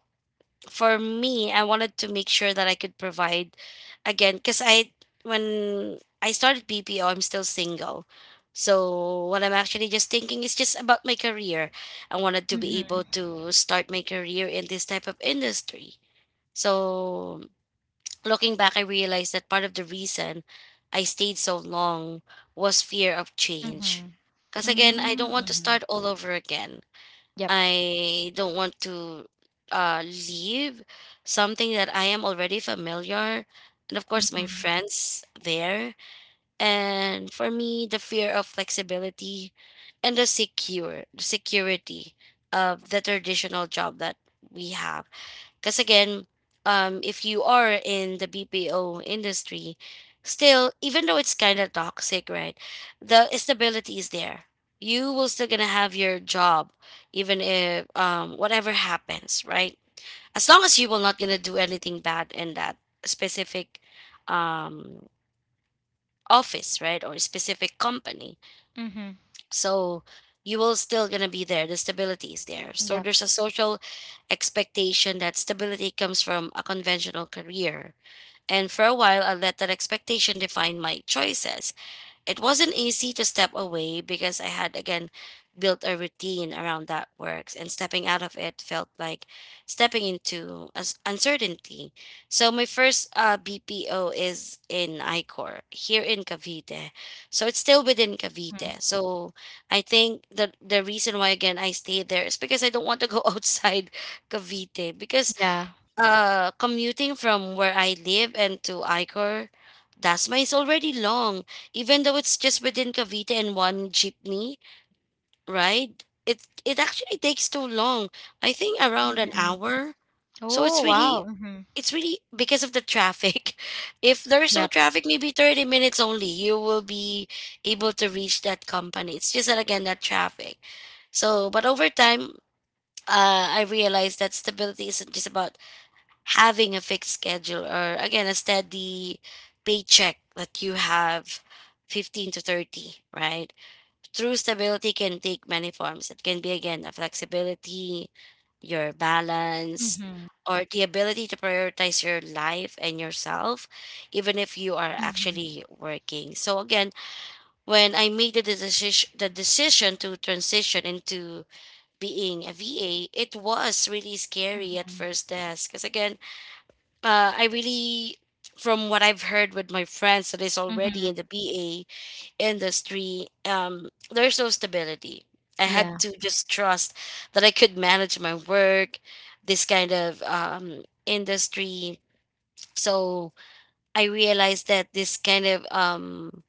Speaker 2: for me, I wanted to make sure that I could provide again because I when I started BPO, I'm still single. So what I'm actually just thinking is just about my career. I wanted to be
Speaker 1: Mm-hmm.
Speaker 2: able to start my career in this type of industry. So looking back, I realized that part of the reason I stayed so long was fear of change.
Speaker 1: Mm-hmm.
Speaker 2: Because again, I don't want to
Speaker 1: Mm-hmm.
Speaker 2: start all over again.
Speaker 1: Yep.
Speaker 2: I don't want to leave something that I am already familiar. And of course, my
Speaker 1: Mm-hmm.
Speaker 2: friends there. And for me, the fear of flexibility and the security of the traditional job that we have. Because again, if you are in the BPO industry, still, even though it's kind of toxic, right? The stability is there. You will still gonna have your job, even if whatever happens, right? As long as you will not gonna do anything bad in that specific um, office, right, or specific company,
Speaker 1: Mm-hmm.
Speaker 2: so you will still gonna be there. The stability is there. So
Speaker 1: Yep.
Speaker 2: there's a social expectation that stability comes from a conventional career. And for a while I let that expectation define my choices. It wasn't easy to step away because I had again built a routine around that works, and stepping out of it felt like stepping into uncertainty. So my first BPO is in ICOR here in Cavite. So it's still within
Speaker 1: Mhm.
Speaker 2: Cavite. So I think the reason why again I stayed there is because I don't want to go outside Cavite because
Speaker 1: Yeah.
Speaker 2: commuting from where I live and to Icor, Dasma is already long, even though it's just within Cavite and one jeepney ride. It actually takes too long. I think around an
Speaker 1: Mm-hmm.
Speaker 2: hour. So
Speaker 1: Oh, wow. Mm-hmm.
Speaker 2: it's really because of the traffic. If there's no
Speaker 1: Yep.
Speaker 2: traffic, maybe 30 minutes only, you will be able to reach that company. It's just that again that traffic. So, but over time, I realized that stability isn't just about having a fixed schedule, or again a steady paycheck that you have 15 to 30, right? True stability can take many forms. It can be, again, a flexibility, your balance,
Speaker 1: Mm-hmm.
Speaker 2: or the ability to prioritize your life and yourself even if you are
Speaker 1: Mm-hmm.
Speaker 2: actually working. So again, when I made the decision to transition into being a VA, it was really scary at
Speaker 1: Mhm.
Speaker 2: first desk because again, I really, from what I've heard with my friends that is already in
Speaker 1: Mhm.
Speaker 2: the BA industry, there's no stability. I had
Speaker 1: Yeah.
Speaker 2: to just trust that I could manage my work, this kind of industry. So I realized that this kind of um,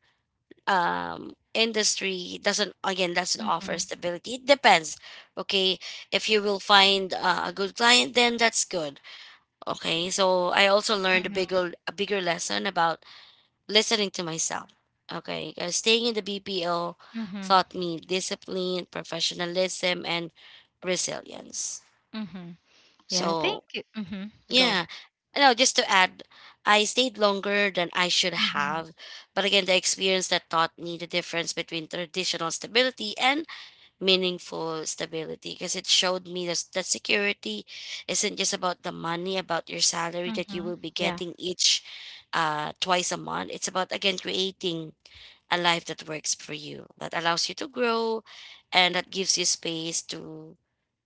Speaker 2: um, industry doesn't, again, doesn't offer
Speaker 1: Mhm.
Speaker 2: stability. It depends. Okay. If you will find a good client, then that's good. Okay, so I also learned
Speaker 1: Mhm.
Speaker 2: a bigger lesson about listening to myself. Okay, 'cause staying in the BPO
Speaker 1: Mhm.
Speaker 2: taught me discipline, professionalism, and resilience.
Speaker 1: Mhm. Yeah, I think
Speaker 2: So
Speaker 1: mhm. Go.
Speaker 2: yeah, no, just to add, I stayed longer than I should
Speaker 1: Mhm.
Speaker 2: have, but again, the experience that taught me the difference between traditional stability and meaningful stability, because it showed me that, that security isn't just about the money, about your salary that you
Speaker 1: Mhm.
Speaker 2: will be
Speaker 1: Yeah.
Speaker 2: getting each twice a month. It's about, again, creating a life that works for you, that allows you to grow, and that gives you space to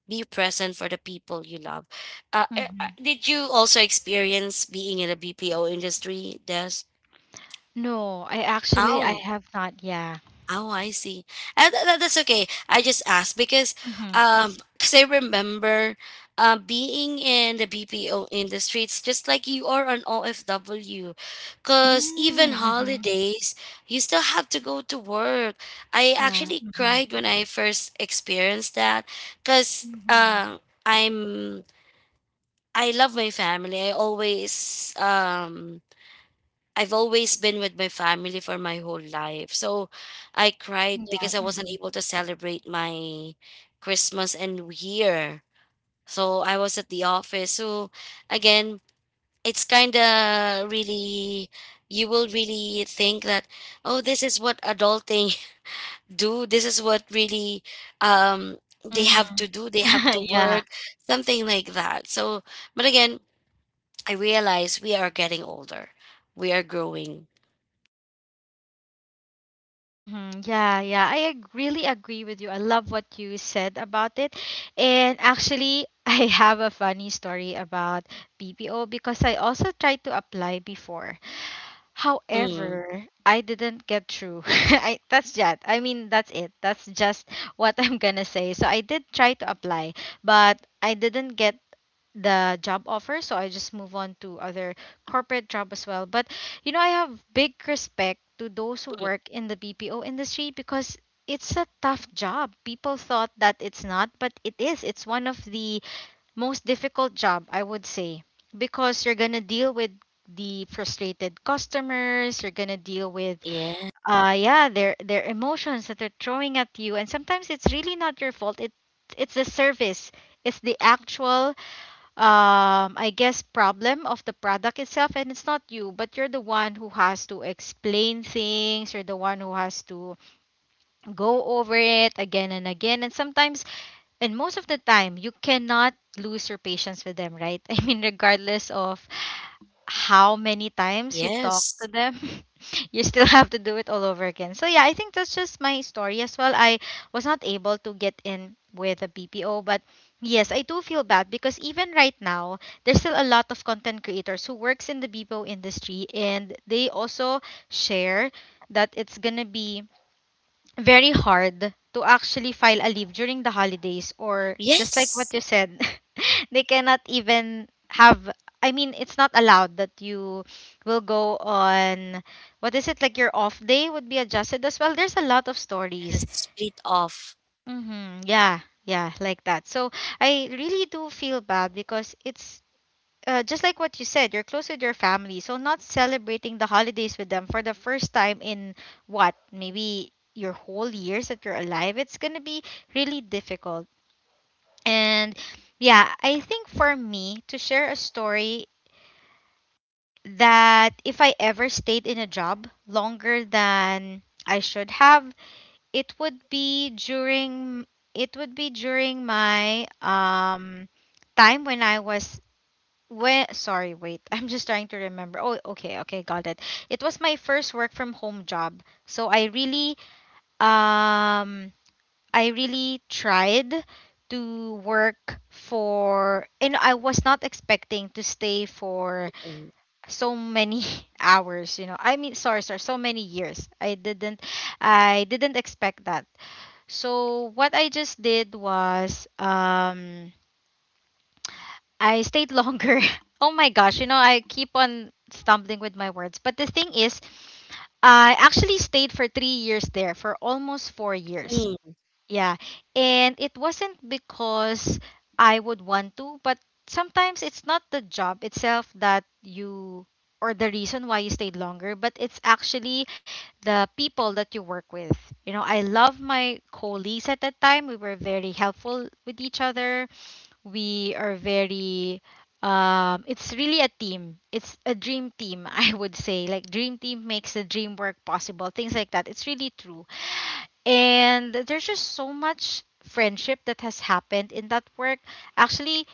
Speaker 2: be present for the people you love.
Speaker 1: Mhm.
Speaker 2: Did you also experience being in the BPO industry, des?
Speaker 1: No, I actually I
Speaker 2: Oh.
Speaker 1: have not. Yeah.
Speaker 2: Oh, I see. That's okay. I just asked
Speaker 1: Mhm.
Speaker 2: because I remember, being in the BPO industry, it's just like you are an OFW, because even
Speaker 1: Mm, mhm.
Speaker 2: holidays, you still have to go to work. I
Speaker 1: Yeah.
Speaker 2: actually
Speaker 1: Mhm.
Speaker 2: cried when I first experienced that, because,
Speaker 1: Mhm.
Speaker 2: I'm I love my family. I always I've always been with my family for my whole life. So I cried
Speaker 1: Yeah.
Speaker 2: because I wasn't
Speaker 1: Mhm.
Speaker 2: able to celebrate my Christmas and New Year. So I was at the office. So again, it's kind of really, you will really think that, oh, this is what adulting do. This is what really um, they
Speaker 1: Mhm.
Speaker 2: have to do. They have to
Speaker 1: Yeah.
Speaker 2: work, something like that. So, but again, I realize we are getting older. We are growing.
Speaker 1: Mm-hmm. Yeah, yeah. I really agree with you. I love what you said about it. And actually, I have a funny story about BPO because I also tried to apply before.
Speaker 2: Mm.
Speaker 1: However, I didn't get through. That's just, I mean, that's it. That's just what I'm gonna say. So I did try to apply, but I didn't get the job offer, so I just move on to other corporate job as well. But you know, I have big respect to those who work in the BPO industry, because it's a tough job. People thought that it's not, but it is. It's one of the most difficult job, I would say, because you're gonna deal with the frustrated customers. You're gonna deal with,
Speaker 2: Yeah.
Speaker 1: yeah, their emotions that they're throwing at you, and sometimes it's really not your fault. It's the service. It's the actual, I guess, problem of the product itself, and it's not you, but you're the one who has to explain things. You're the one who has to go over it again and again. And sometimes and most of the time you cannot lose your patience with them, right? I mean, regardless of how many times you talk to
Speaker 2: Yes.
Speaker 1: them, you still have to do it all over again. So yeah, I think that's just my story as well. I was not able to get in with a BPO, but yes, I do feel bad, because even right now, there's still a lot of content creators who works in the BPO industry and they also share that it's going to be very hard to actually file a leave during the holidays, or just like what
Speaker 2: Yes.
Speaker 1: you said, they cannot even have, I mean, it's not allowed that you will go on, what is it, like, your off day would be adjusted as well. There's a lot of
Speaker 2: Yes.
Speaker 1: stories.
Speaker 2: Split off.
Speaker 1: Mhm. Yeah, yeah, like that. So I really do feel bad, because it's, just like what you said, you're close with your family, so not celebrating the holidays with them for the first time in, what, maybe your whole years that you're alive, it's gonna be really difficult. And yeah, I think for me to share a story that if I ever stayed in a job longer than I should have, it would be during, it would be during my time when I was, when, sorry, wait. I'm just trying to remember. Oh, okay, okay, got it. It was my first work from home job. So I really, um I really tried to work for, and I was not expecting to stay for
Speaker 2: Mm,
Speaker 1: so many hours, you know. I mean, sorry, sorry, so many years. I didn't expect that. So what I just did was, I stayed longer. oh my gosh, I keep on stumbling with my words. But the thing is, I actually stayed for 3 years there, for almost 4 years.
Speaker 2: mm,
Speaker 1: Yeah. And it wasn't because I would want to, but sometimes it's not the job itself that you, or the reason why you stayed longer, but it's actually the people that you work with. You know, I love my colleagues at that time. We were very helpful with each other. We are very It's really a team. It's a dream team. I would say, like, dream team makes the dream work possible, things like that. It's really true. And there's just so much friendship that has happened in that work. Actually,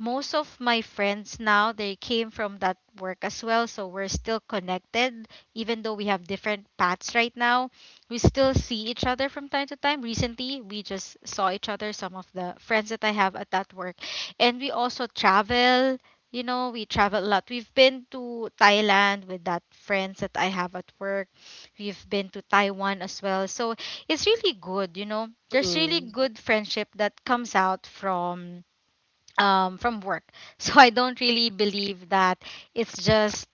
Speaker 1: most of my friends now, they came from that work as well, so we're still connected, even though we have different paths right now. We still see each other from time to time. Recently, we just saw each other, some of the friends that I have at that work. And we also travel. You know, we travel a lot. We've been to Thailand with that friends that I have at work. We've been to Taiwan as well. So it's really good. You know, there's really
Speaker 2: mm,
Speaker 1: good friendship that comes out from, from work. So I don't really believe that it's just,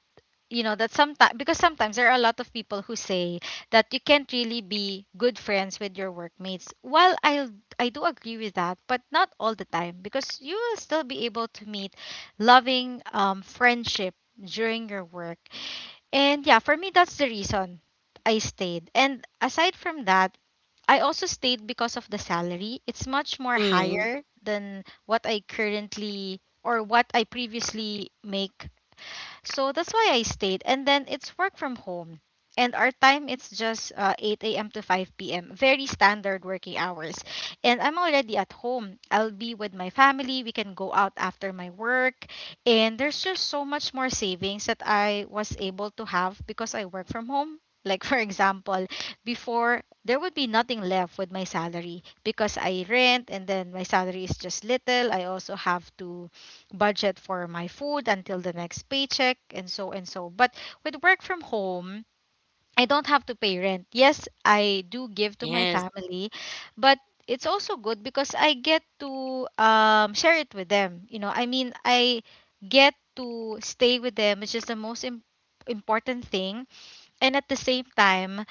Speaker 1: you know, that sometimes, because sometimes there are a lot of people who say that you can't really be good friends with your workmates. Well, I do agree with that, but not all the time, because you will still be able to meet loving, friendship during your work. And yeah, for me that's the reason I stayed. And aside from that, I also stayed because of the salary. It's much more
Speaker 2: mm.
Speaker 1: higher than what I currently or what I previously make, so that's why I stayed. And then it's work from home. And our time it's just 8 a.m. to 5 p.m. Very standard working hours. And I'm already at home. I'll be with my family. We can go out after my work. And there's just so much more savings that I was able to have because I work from home. Like for example, before there would be nothing left with my salary because I rent and then my salary is just little. I also have to budget for my food until the next paycheck and so and so. But with work from home, I don't have to pay rent. Yes, I do give to my
Speaker 2: Yes.
Speaker 1: family, but it's also good because I get to, share it with them. You know, I mean, I get to stay with them, which is the most important thing, and at the same time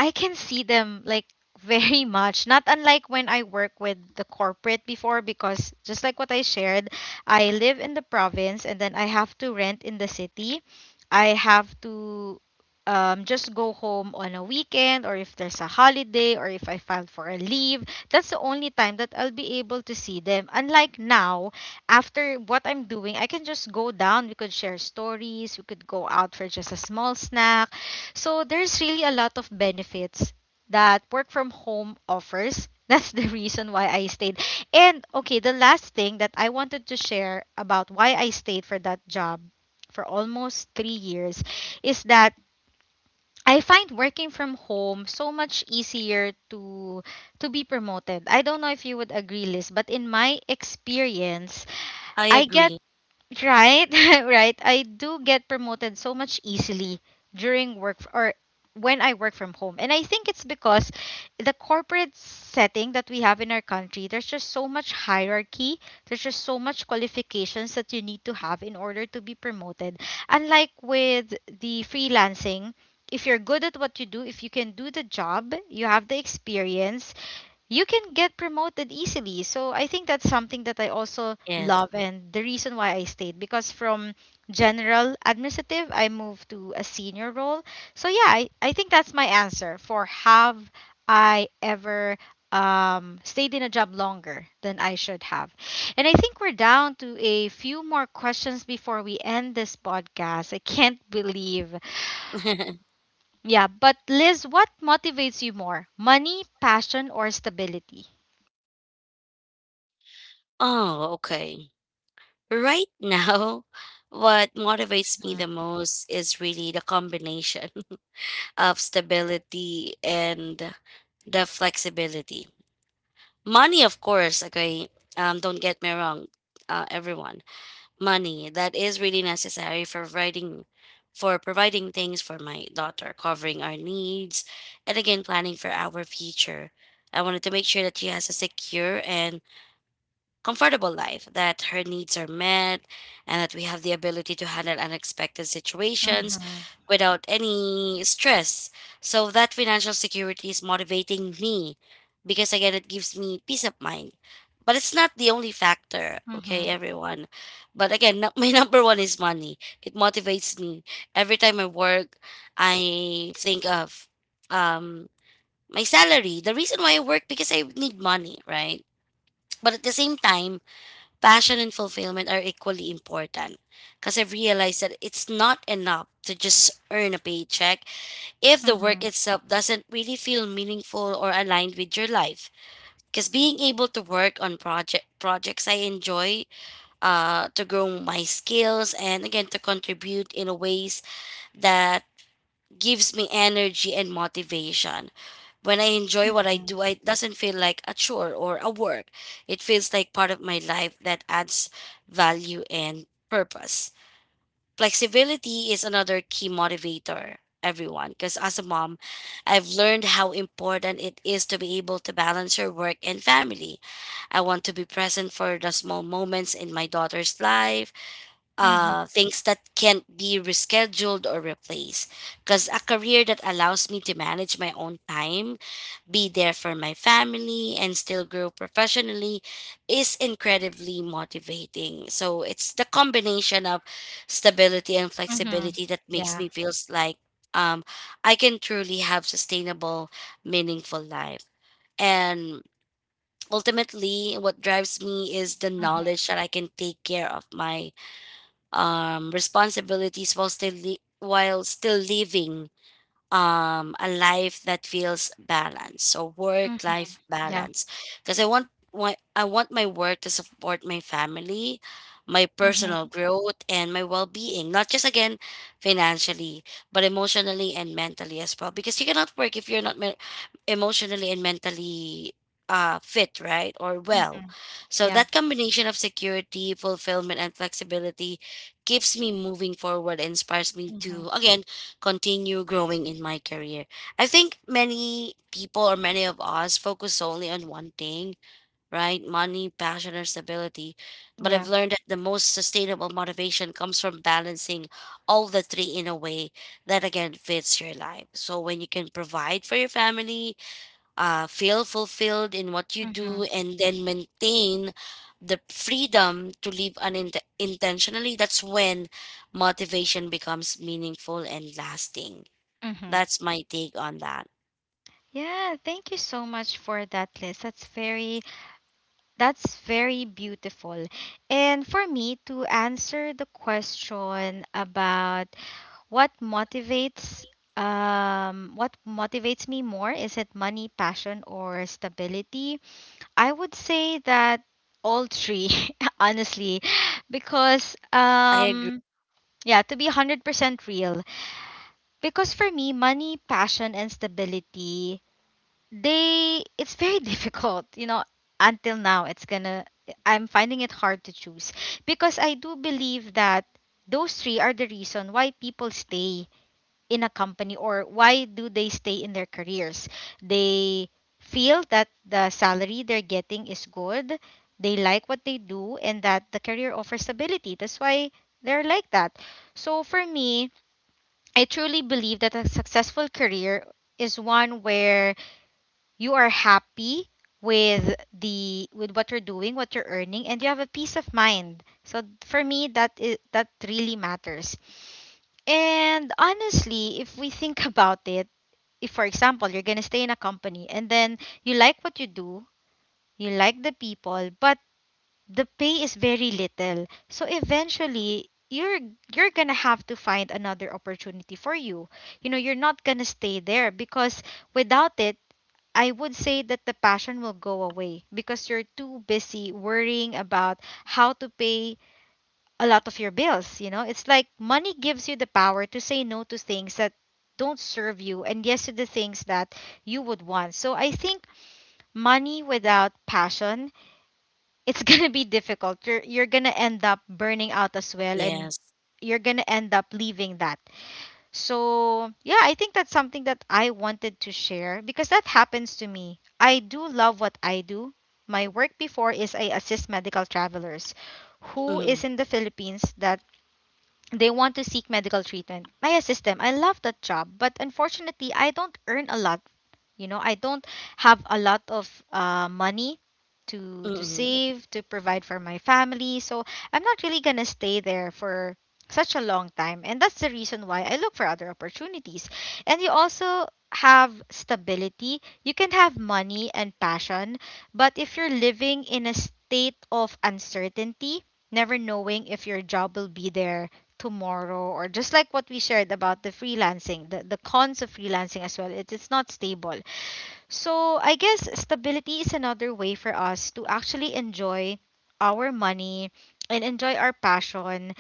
Speaker 1: I can see them, like, very much, not unlike when I work with the corporate before. Because just like what I shared, I live in the province and then I have to rent in the city. I have to, just go home on a weekend, or if there's a holiday, or if I filed for a leave, that's the only time that I'll be able to see them. Unlike now, after what I'm doing, I can just go down. We could share stories. We could go out for just a small snack. So there's really a lot of benefits that work from home offers. That's the reason why I stayed. And okay, the last thing that I wanted to share about why I stayed for that job for almost 3 years is that I find working from home so much easier to be promoted. I don't know if you would agree, Liz, but in my experience,
Speaker 2: I
Speaker 1: I get,
Speaker 2: agree.
Speaker 1: right, right. I do get promoted so much easily during work f- or when I work from home. And I think it's because the corporate setting that we have in our country, there's just so much hierarchy, there's just so much qualifications that you need to have in order to be promoted. Unlike with the freelancing, if you're good at what you do, if you can do the job, you have the experience, you can get promoted easily. So I think that's something that I also
Speaker 2: Yes.
Speaker 1: love and the reason why I stayed, because from general administrative I moved to a senior role. So yeah, I think that's my answer for have I ever stayed in a job longer than I should have. And I think we're down to a few more questions before we end this podcast. I can't believe. Yeah, but Liz, what motivates you more? Money, passion, or stability?
Speaker 2: Oh, okay. Right now, what motivates me the most is really the combination of stability and the flexibility. Money, of course, okay, don't get me wrong, everyone. Money that is really necessary for providing, things for my daughter, covering our needs, and again planning for our future. I wanted to make sure that she has a secure and comfortable life, that her needs are met, and that we have the ability to handle unexpected situations
Speaker 1: Mhm.
Speaker 2: without any stress. So that financial security is motivating me because, again, it gives me peace of mind. But it's not the only factor, okay,
Speaker 1: Mhm.
Speaker 2: everyone. But again, my number one is money. It motivates me. Every time I work, I think of um, my salary. The reason why I work because I need money, right? But at the same time, passion and fulfillment are equally important because I've realized that it's not enough to just earn a paycheck if the work
Speaker 1: Mhm.
Speaker 2: itself doesn't really feel meaningful or aligned with your life. Because being able to work on projects I enjoy, to grow my skills, and again to contribute in ways that gives me energy and motivation. When I enjoy what I
Speaker 1: Mhm.
Speaker 2: do, it doesn't feel like a chore or a work. It feels like part of my life that adds value and purpose. Flexibility is another key motivator, everyone, because as a mom, I've learned how important it is to be able to balance your work and family. I want to be present for the small moments in my daughter's life,
Speaker 1: Mhm.
Speaker 2: things that can't be rescheduled or replaced. Because a career that allows me to manage my own time, be there for my family, and still grow professionally is incredibly motivating. So it's the combination of stability and
Speaker 1: Mhm.
Speaker 2: flexibility that makes
Speaker 1: Yeah.
Speaker 2: me feels like um, I can truly have sustainable, meaningful life. And ultimately, what drives me is the
Speaker 1: Mhm.
Speaker 2: knowledge that I can take care of my responsibilities while while still living a life that feels balanced. So work
Speaker 1: Mhm.
Speaker 2: life
Speaker 1: Yeah.
Speaker 2: balance, because I want my work to support my family, my personal
Speaker 1: Mhm.
Speaker 2: growth, and my well-being, not just again financially, but emotionally and mentally as well. Because you cannot work if you're not me- emotionally and mentally fit, right, or well.
Speaker 1: Mhm.
Speaker 2: So
Speaker 1: Yeah.
Speaker 2: that combination of security, fulfillment, and flexibility keeps me moving forward, inspires me
Speaker 1: Mhm.
Speaker 2: to again continue growing in my career. I think many people or many of us focus solely on one thing, right? Money, passion, or stability. But
Speaker 1: Yeah.
Speaker 2: I've learned that the most sustainable motivation comes from balancing all the three in a way that again fits your life. So when you can provide for your family, feel fulfilled in what you
Speaker 1: Mhm.
Speaker 2: do, and then maintain the freedom to live unintentionally, that's when motivation becomes meaningful and lasting.
Speaker 1: Mhm.
Speaker 2: That's my take on that.
Speaker 1: Yeah, thank you so much for that list. That's very beautiful. And for me to answer the question about what motivates what motivates me more, is it money, passion or stability? I would say that all three, honestly, because
Speaker 2: I agree.
Speaker 1: yeah, to be 100% real, because for me, money, passion and stability, they it's very difficult, until now it's going to I'm finding it hard to choose because I do believe that those three are the reason why people stay in a company, or why do they stay in their careers? They feel that the salary they're getting is good, they like what they do, and that the career offers stability. That's why they're like that. So for me, I truly believe that a successful career is one where you are happy with what you're doing, what you're earning, and you have a peace of mind. So for me, that is that really matters. And honestly, if we think about it, if for example you're going to stay in a company and then you like what you do, you like the people, but the pay is very little, so eventually you're going to have to find another opportunity for you. You know, you're not going to stay there because without it, I would say that the passion will go away because you're too busy worrying about how to pay a lot of your bills. It's like money gives you the power to say no to things that don't serve you and yes to the things that you would want. So I think money without passion, it's going to be difficult. You're going to end up burning out as well, and
Speaker 2: Yes.
Speaker 1: you're going to end up leaving that. So, yeah, I think that's something that I wanted to share because that happens to me. I do love what I do. My work before is I assist medical travelers who
Speaker 2: Mm-mm.
Speaker 1: is in the Philippines that they want to seek medical treatment. I assist them. I love that job, but unfortunately, I don't earn a lot. I don't have a lot of money to
Speaker 2: Mm-mm.
Speaker 1: save to provide for my family, so I'm not really gonna stay there for such a long time, and that's the reason why I look for other opportunities. And you also have stability. You can have money and passion, but if you're living in a state of uncertainty, never knowing if your job will be there tomorrow, or just like what we shared about the cons of freelancing as well, it's not stable. So I guess stability is another way for us to actually enjoy our money and enjoy our passion.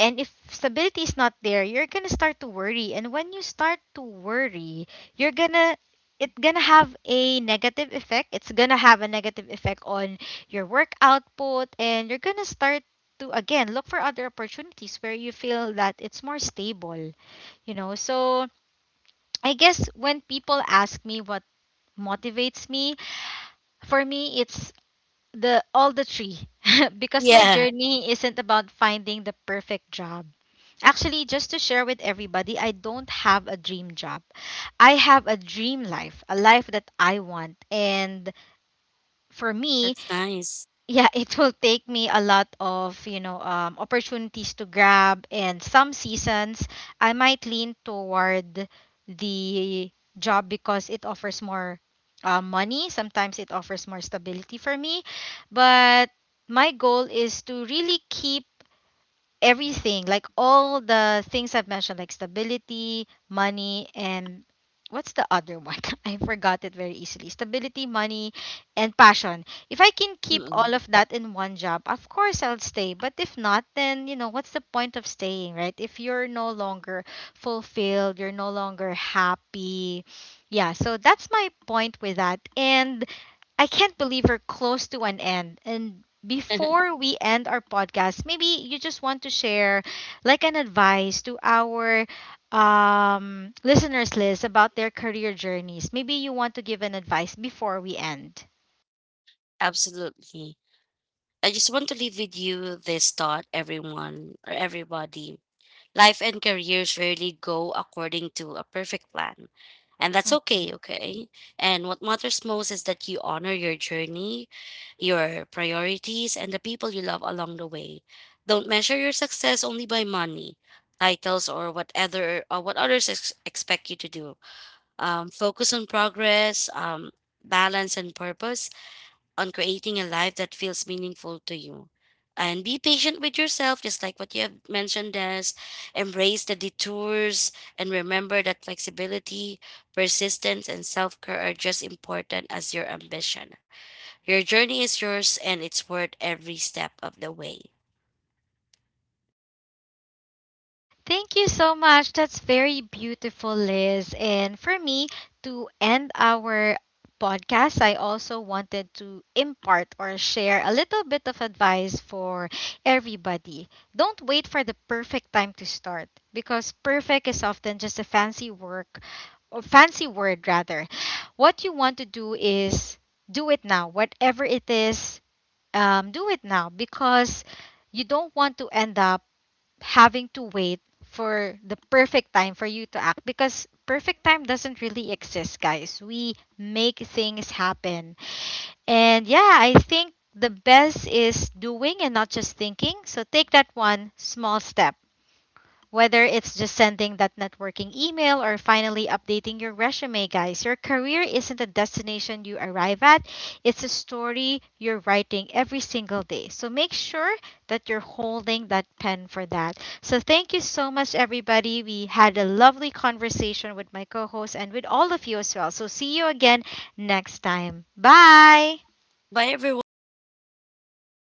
Speaker 1: And if stability is not there, you're gonna start to worry. And when you start to worry, you're gonna it's gonna have a negative effect. It's gonna have a negative effect on your work output, and you're gonna start to again look for other opportunities where you feel that it's more stable. You know, so I guess when people ask me what motivates me, for me, it's the all the three. Because my
Speaker 2: Yeah,
Speaker 1: journey isn't about finding the perfect job. Actually, just to share with everybody, I don't have a dream job. I have a dream life, a life that I want. And for me,
Speaker 2: that's nice.
Speaker 1: yeah, it will take me a lot of, opportunities to grab, and some seasons I might lean toward the job because it offers more money, sometimes it offers more stability for me, but my goal is to really keep everything, like all the things I've mentioned, like stability, money, and what's the other one? I forgot it very easily. Stability, money, and passion. If I can keep
Speaker 2: Mm-mm.
Speaker 1: all of that in one job, of course I'll stay. But if not, then, you know, what's the point of staying, right? If you're no longer fulfilled, you're no longer happy. Yeah, so that's my point with that. And I can't believe we're close to an end. And before we end our podcast, maybe you just want to share like an advice to our listeners list about their career journeys. Maybe you want to give an advice before we end.
Speaker 2: Absolutely. I just want to leave with you this thought, everyone or everybody. Life and careers rarely go according to a perfect plan. And that's okay,
Speaker 1: Mhm.
Speaker 2: okay? And what matters most is that you honor your journey, your priorities, and the people you love along the way. Don't measure your success only by money, titles, or what other or what others expect you to do. Focus on progress, balance, and purpose, on creating a life that feels meaningful to you. And be patient with yourself, just like what you have mentioned, as embrace the detours and remember that flexibility, persistence, and self care are just important as your ambition. Your journey is yours and it's worth every step of the way.
Speaker 1: Thank you so much. That's very beautiful, Liz. And for me, to end our podcast, I also wanted to impart or share a little bit of advice for everybody. Don't wait for the perfect time to start, because perfect is often just a fancy work, or fancy word rather. What you want to do is do it now. Whatever it is, do it now, because you don't want to end up having to wait for the perfect time for you to act, because perfect time doesn't really exist, guys. We make things happen. And yeah, I think the best is doing and not just thinking. So take that one small step. Whether it's just sending that networking email or finally updating your resume, guys, your career isn't a destination you arrive at, it's a story you're writing every single day. So make sure that you're holding that pen for that. So thank you so much, everybody. We had a lovely conversation with my co host and with all of you as well. So see you again next time. Bye.
Speaker 2: Bye, everyone.